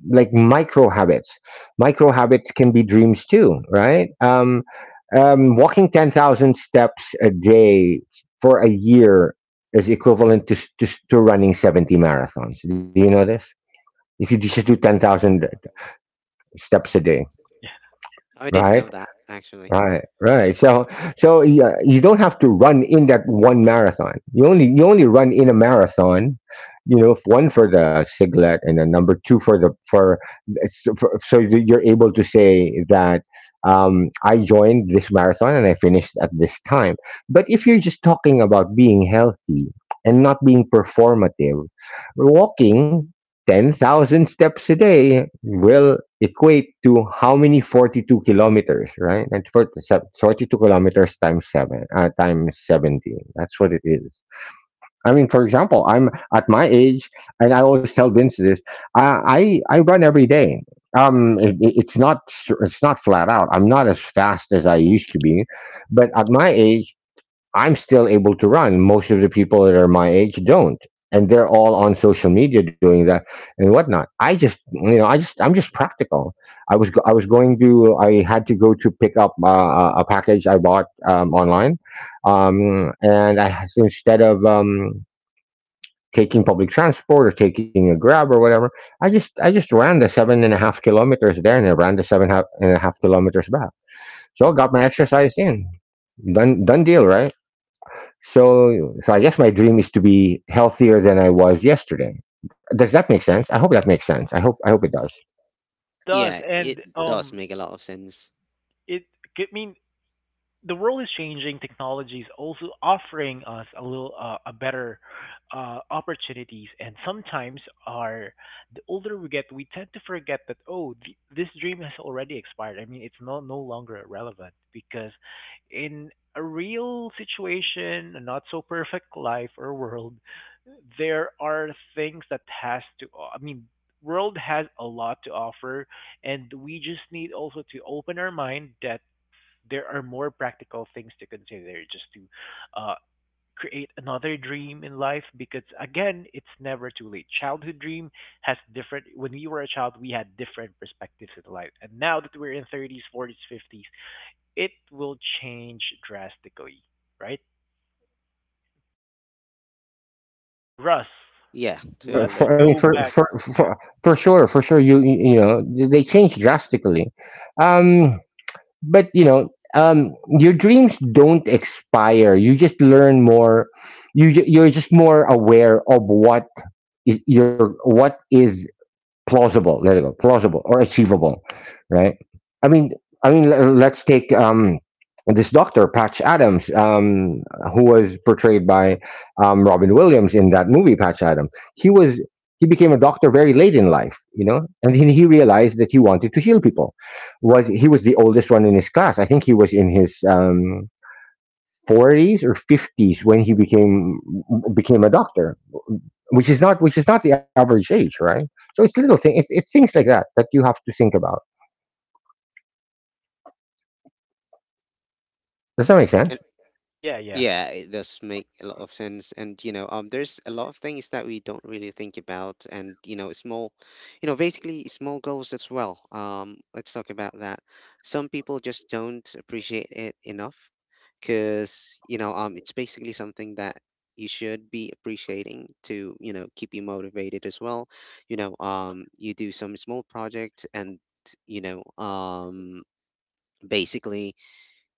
Speaker 2: like micro habits. Micro habits can be dreams too, right? Walking 10,000 steps a day for a year is equivalent to, to running 70 marathons. Do you know this? If you just do 10,000
Speaker 1: Yeah,
Speaker 2: steps a day,
Speaker 1: [laughs] yeah.
Speaker 3: I didn't know
Speaker 2: right?
Speaker 3: that, actually.
Speaker 2: Right, right. So, so yeah, you don't have to run in that one marathon. You only run in a marathon, you know, one for the singlet, and then number two for the for, for, so that you're able to say that, I joined this marathon and I finished at this time. But if you're just talking about being healthy and not being performative, walking 10,000 steps a day will equate to how many, 42 kilometers, right? And for 42 kilometers times seven, times 17. That's what it is. I mean, for example, I'm at my age, and I always tell Vince this, I run every day. It's not, it's not flat out. I'm not as fast as I used to be, but at my age, I'm still able to run. Most of the people that are my age don't, and they're all on social media doing that and whatnot. I just, you know, I just, I'm just practical. I was going to, I had to go to pick up a package I bought online, and I, instead of taking public transport or taking a grab or whatever, I just ran the 7.5 kilometers there, and I ran the seven and a half kilometers back. So I got my exercise in. Done, done deal, right? So, so I guess my dream is to be healthier than I was yesterday. Does that make sense? I hope that makes sense. I hope it does.
Speaker 1: It does,
Speaker 3: Yeah,
Speaker 1: and
Speaker 3: it does make a lot of sense.
Speaker 1: it. I mean, the world is changing. Technology is also offering us a little a better opportunities, and sometimes our the older we get, we tend to forget that oh, this dream has already expired. I mean, it's no longer relevant because in a real situation, a not so perfect life or world, there are things that has to. I mean, world has a lot to offer, and we just need also to open our mind that there are more practical things to consider just to uh, create another dream in life, because again, it's never too late. Childhood dream has different. When we were a child, we had different perspectives in life, and now that we're in 30s, 40s, 50s, it will change drastically, right? Russ,
Speaker 3: Yeah,
Speaker 2: Right,
Speaker 1: let's
Speaker 3: totally.
Speaker 2: For, I mean,
Speaker 1: go
Speaker 2: for,
Speaker 1: back.
Speaker 2: for
Speaker 1: Yeah,
Speaker 2: for for sure, for sure. You know, they change drastically, um, but you know, um, your dreams don't expire. You just learn more. You you're just more aware of what is your, what is plausible, there you go, plausible or achievable, right? I mean, I mean, let's take this Doctor Patch Adams, who was portrayed by Robin Williams in that movie Patch Adams. He became a doctor very late in life, you know, and he realized that he wanted to heal people. Was He was the oldest one in his class. I think he was in his 40s or 50s when he became a doctor, which is not, which is not the average age, right? So it's little thing. It's things like that that you have to think about. Does that make sense?
Speaker 3: And
Speaker 1: yeah, yeah, yeah,
Speaker 3: yeah, it does make a lot of sense. And, there's a lot of things that we don't really think about and, small, basically small goals as well. Let's talk about that. Some people just don't appreciate it enough because, it's basically something that you should be appreciating to, keep you motivated as well. You do some small project and, you know, um, basically,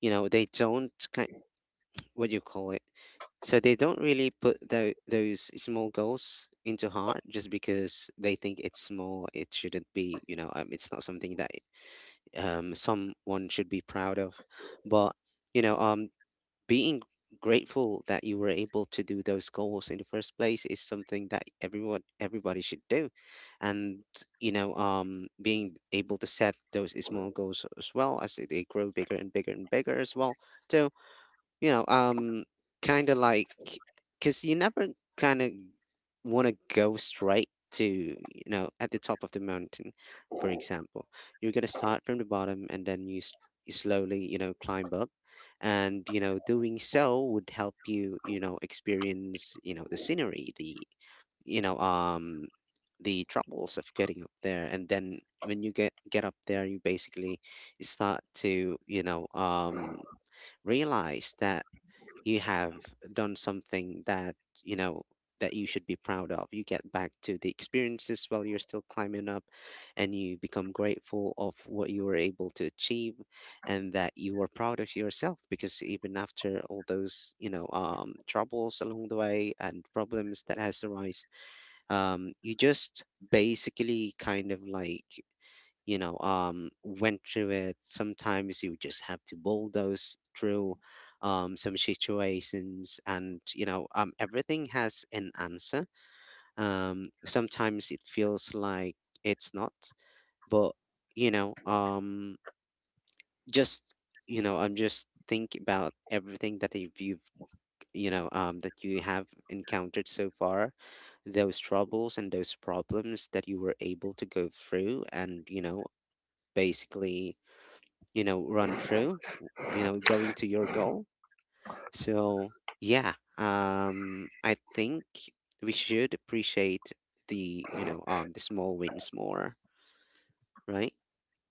Speaker 3: they don't kind what do you call it? So they don't really put those small goals into heart just because they think it's small. It shouldn't be, it's not something that someone should be proud of. But, you know, um, being grateful that you were able to do those goals in the first place is something that everyone everybody should do, and being able to set those small goals as well, as they grow bigger and bigger and bigger as well too. you know, um, Kind of like, because you never kind of want to go straight to, at the top of the mountain, for example. You're going to start from the bottom and then you slowly, climb up. And, doing so would help you, experience, the scenery, you know, um, the troubles of getting up there. And then when you get up there, you basically start to, realize that you have done something that you know that you should be proud of. You get back to the experiences while you're still climbing up, and you become grateful of what you were able to achieve, and that you are proud of yourself because even after all those troubles along the way and problems that has arisen, you just basically kind of like went through it. Sometimes you just have to bulldoze through some situations, and everything has an answer. Sometimes it feels like it's not, but you know just you know I'm just think about everything that you've you know that you have encountered so far, those troubles and those problems that you were able to go through, and basically run through going to your goal. So yeah, I think we should appreciate the you know the small wins more, right?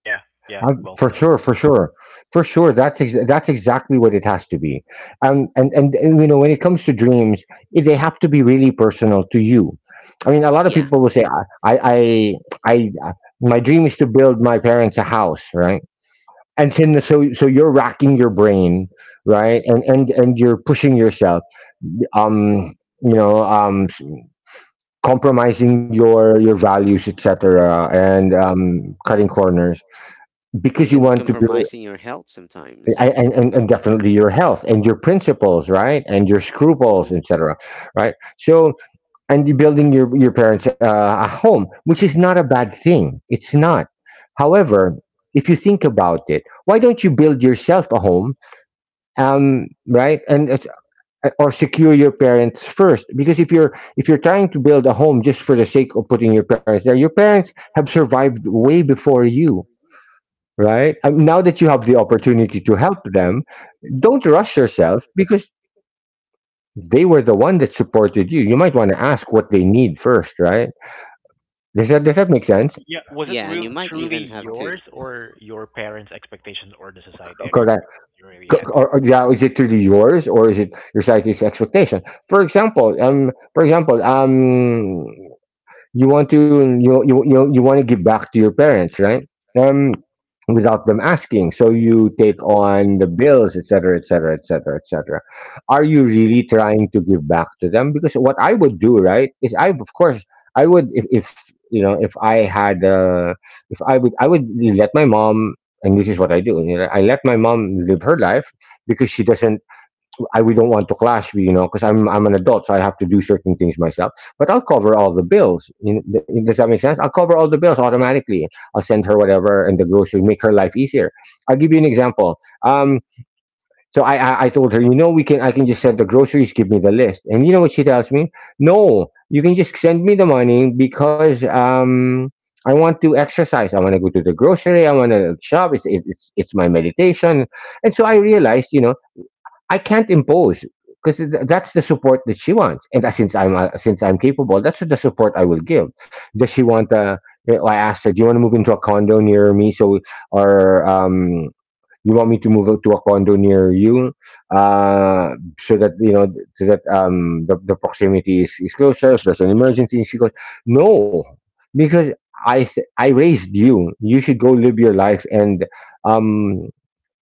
Speaker 1: yeah, yeah, well
Speaker 2: For
Speaker 1: said.
Speaker 2: sure, for sure, for sure. That's exactly what it has to be. And you know, when it comes to dreams, it, they have to be really personal to you. I mean, a lot of
Speaker 3: Yeah,
Speaker 2: people will say, I I I, I my dream is to build my parents a house, right? And then, so so you're racking your brain, right? And you're pushing yourself, um you know, compromising your values, etc. And cutting corners because you
Speaker 3: even
Speaker 2: want to be,
Speaker 3: compromising your health sometimes.
Speaker 2: and definitely your health and your principles, right, and your scruples,
Speaker 3: Mm-hmm.
Speaker 2: etc. Right, so, and you're building your parents a home, which is not a bad thing, it's not. However, if you think about it, why don't you build yourself a home, right? and Or secure your parents first, because if you're, if you're trying to build a home just for the sake of putting your parents there, your parents have survived way before you, right? Now that you have the opportunity to help them, don't rush yourself, because they were the one that supported you. You might want to ask what they need first, right? Does that make sense?
Speaker 1: Yeah, was it
Speaker 3: Yeah, and you
Speaker 1: real
Speaker 3: might even
Speaker 1: truly
Speaker 3: have to.
Speaker 1: yours or your parents expectations or the society
Speaker 2: Correct.
Speaker 1: expectations? You really
Speaker 3: Yeah,
Speaker 2: Co-
Speaker 1: had to.
Speaker 2: or yeah, is it truly yours, or is it your society's expectation? For example, for example, you want to, you want to give back to your parents, right? Um, Without them asking, so you take on the bills, etc., etc., etc., etc. Are you really trying to give back to them? Because what I would do, right, is, I of course I would, if, you know, if I had, if I would, I would let my mom. And this is what I do. You know, I let my mom live her life because she doesn't, I, we don't want to clash, you know, because I'm an adult, so I have to do certain things myself. But I'll cover all the bills. You know, does that make sense? I'll cover all the bills automatically. I'll send her whatever, and the groceries, make her life easier. I'll give you an example. Um, so, I told her, you know, we can, I can just send the groceries, give me the list, and you know what she tells me? No, you can just send me the money, because. I want to exercise. I want to go to the grocery. I want to shop. It's my meditation. And so I realized, you know, I can't impose because that's the support that she wants, and that, since I'm, since I'm capable, that's the support I will give. Does she want? You know, I asked her, "Do you want to move into a condo near me?" So, or you want me to move out to a condo near you, uh, so that you know, so that the proximity is closer. If there's an emergency, and she goes, "No," because I raised you. You should go live your life and um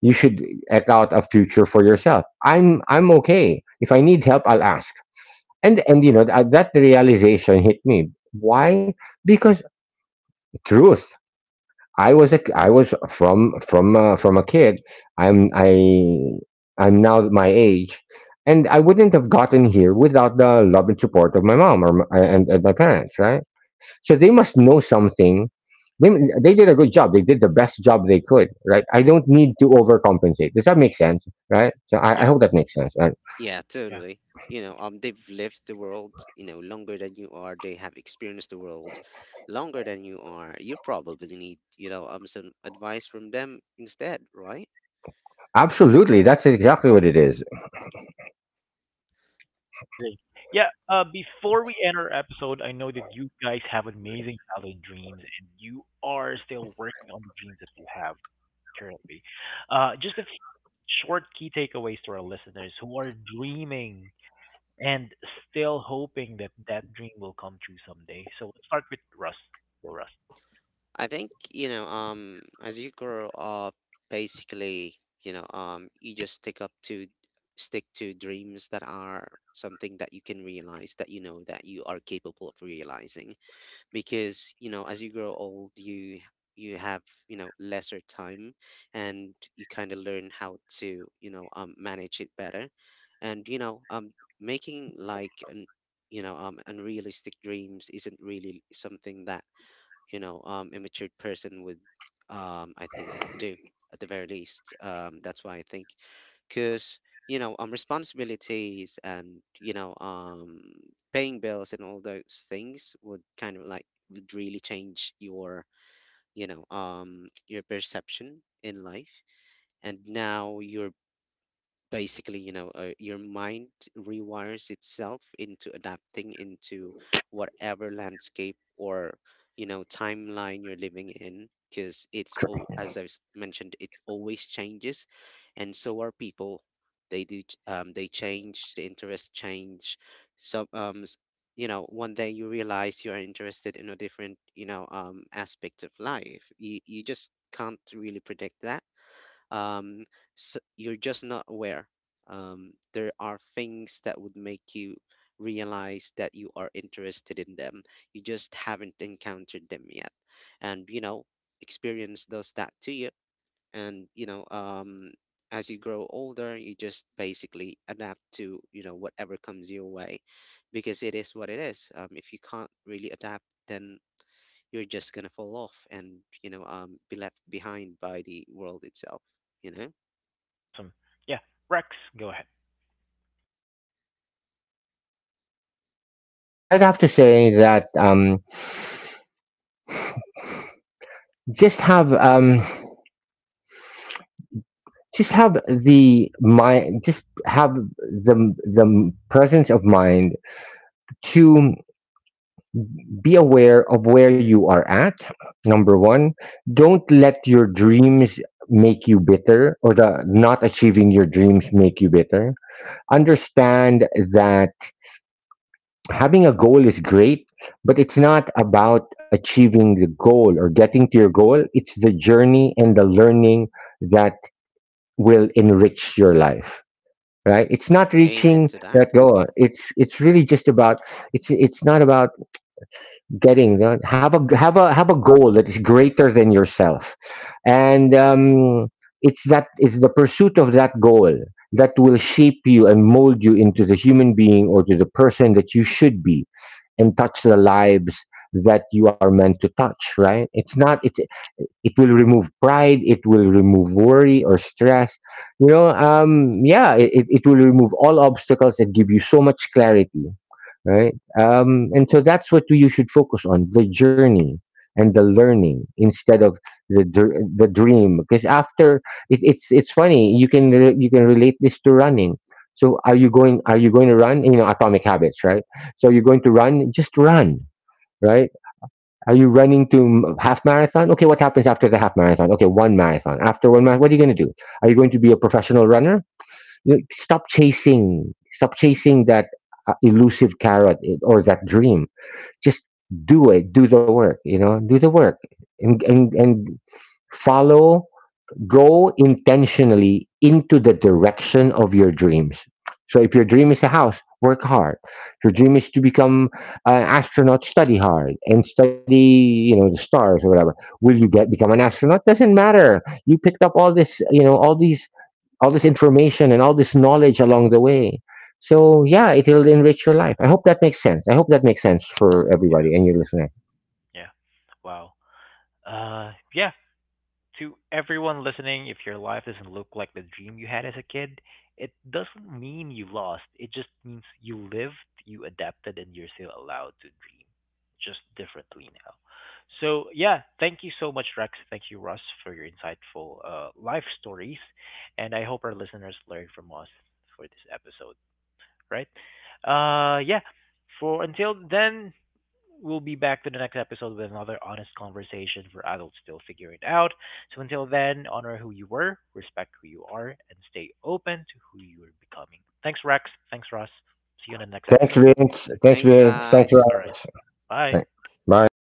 Speaker 2: you should eke out a future for yourself. I'm okay. If I need help, I'll ask. And you know that realization hit me. Why? Because truth. I was from a kid. I'm I I'm now my age, and I wouldn't have gotten here without the love and support of my mom and my parents, right? So they must know something they they did a good job. They did the best job they could, right? I don't need to overcompensate. Does that make sense, right? So I
Speaker 1: Yeah,
Speaker 2: hope that makes sense, right?
Speaker 3: yeah,
Speaker 1: yeah.
Speaker 3: totally. They've lived the world, longer than you are. They have experienced the world longer than you are. You probably need, some advice from them instead, right?
Speaker 2: Absolutely, that's exactly what it is.
Speaker 1: Amazing. Yeah, before we end our episode, I know that you guys have amazing childhood dreams and you are still working on the dreams that you have currently. Just a few short key takeaways to our listeners who are dreaming and still hoping that that dream will come true someday. So let's start with Russ. Go, Russ.
Speaker 3: I think, as you grow up, basically, you just stick to dreams that are something that you can realize, that you know that you are capable of realizing, because as you grow old you have lesser time, and you kind of learn how to manage it better. And making like an unrealistic dreams isn't really something that immature person would I think do, at the very least. That's why I think, because responsibilities and paying bills and all those things would kind of like would really change your your perception in life. And now you're basically your mind rewires itself into adapting into whatever landscape or timeline you're living in, because it's all, as I've mentioned, it's always changes, and so are people. They change, the interests change. Some s- you know One day you realize you're interested in a different aspect of life. You just can't really predict that. Um s You're just not aware. There are things that would make you realize that you are interested in them, you just haven't encountered them yet. And experience does that to you. And as you grow older you just basically adapt to whatever comes your way, because it is what it is. If you can't really adapt, then you're just gonna fall off and be left behind by the world itself, you know.
Speaker 1: Awesome. Yeah, Rex, go ahead.
Speaker 2: I'd have to say that just have um, just have the presence of mind to be aware of where you are at. Number one, don't let your dreams make you bitter or the not achieving your dreams make you bitter. Understand that having a goal is great, but it's not about achieving the goal or getting to your goal. It's the journey and the learning that will enrich your life. Right? It's not
Speaker 3: Amen
Speaker 2: reaching
Speaker 3: to that.
Speaker 2: that goal. It's really just about it's not about getting have a goal that is greater than yourself and it's the pursuit of that goal that will shape you and mold you into the human being or to the person that you should be and touch the lives that you are meant to touch, right? it's not it's It will remove pride, it will remove worry or stress, you know, yeah, it will remove all obstacles and give you so much clarity, right? And so that's what you should focus on, the journey and the learning instead of the dream. Because after it's funny, you can relate this to running. So are you going to run, you know, atomic habits, right? So you're going to run, just run, right? Are you running to half marathon? Okay, what happens after the half marathon? Okay, one marathon. After one marathon, what are you going to do? Are you going to be a professional runner? You know, stop chasing. Stop chasing that elusive carrot, eh, or that dream. Just do it. Do the work. You know, do the work and follow, go intentionally into the direction of your dreams. So if your dream is a house, work hard. If your dream is to become an astronaut, study hard and study, you know, the stars or whatever. Will you get become an astronaut? Doesn't matter. You picked up all this, you know, all this information and all this knowledge along the way. So yeah, it'll enrich your life. I hope that makes sense. I hope that makes sense for everybody and your listener.
Speaker 1: Yeah. Wow. Yeah, to everyone listening, if your life doesn't look like the dream you had as a kid, it doesn't mean you lost. It just means you lived, you adapted, and you're still allowed to dream just differently now. So, yeah, thank you so much, Rex. Thank you, Russ, for your insightful life stories. And I hope our listeners learn from us for this episode, right? Yeah, for until then, we'll be back to the next episode with another honest conversation for adults still figuring it out. So until then, honor who you were, respect who you are, and stay open to who you are becoming. Thanks, Rex. Thanks, Russ. See you in the next
Speaker 2: Thanks,
Speaker 1: episode.
Speaker 2: Vince. Thanks,
Speaker 3: Thanks,
Speaker 2: Vince. Thanks,
Speaker 3: guys.
Speaker 1: All right.
Speaker 2: Ross.
Speaker 1: Bye.
Speaker 2: Thanks. Bye.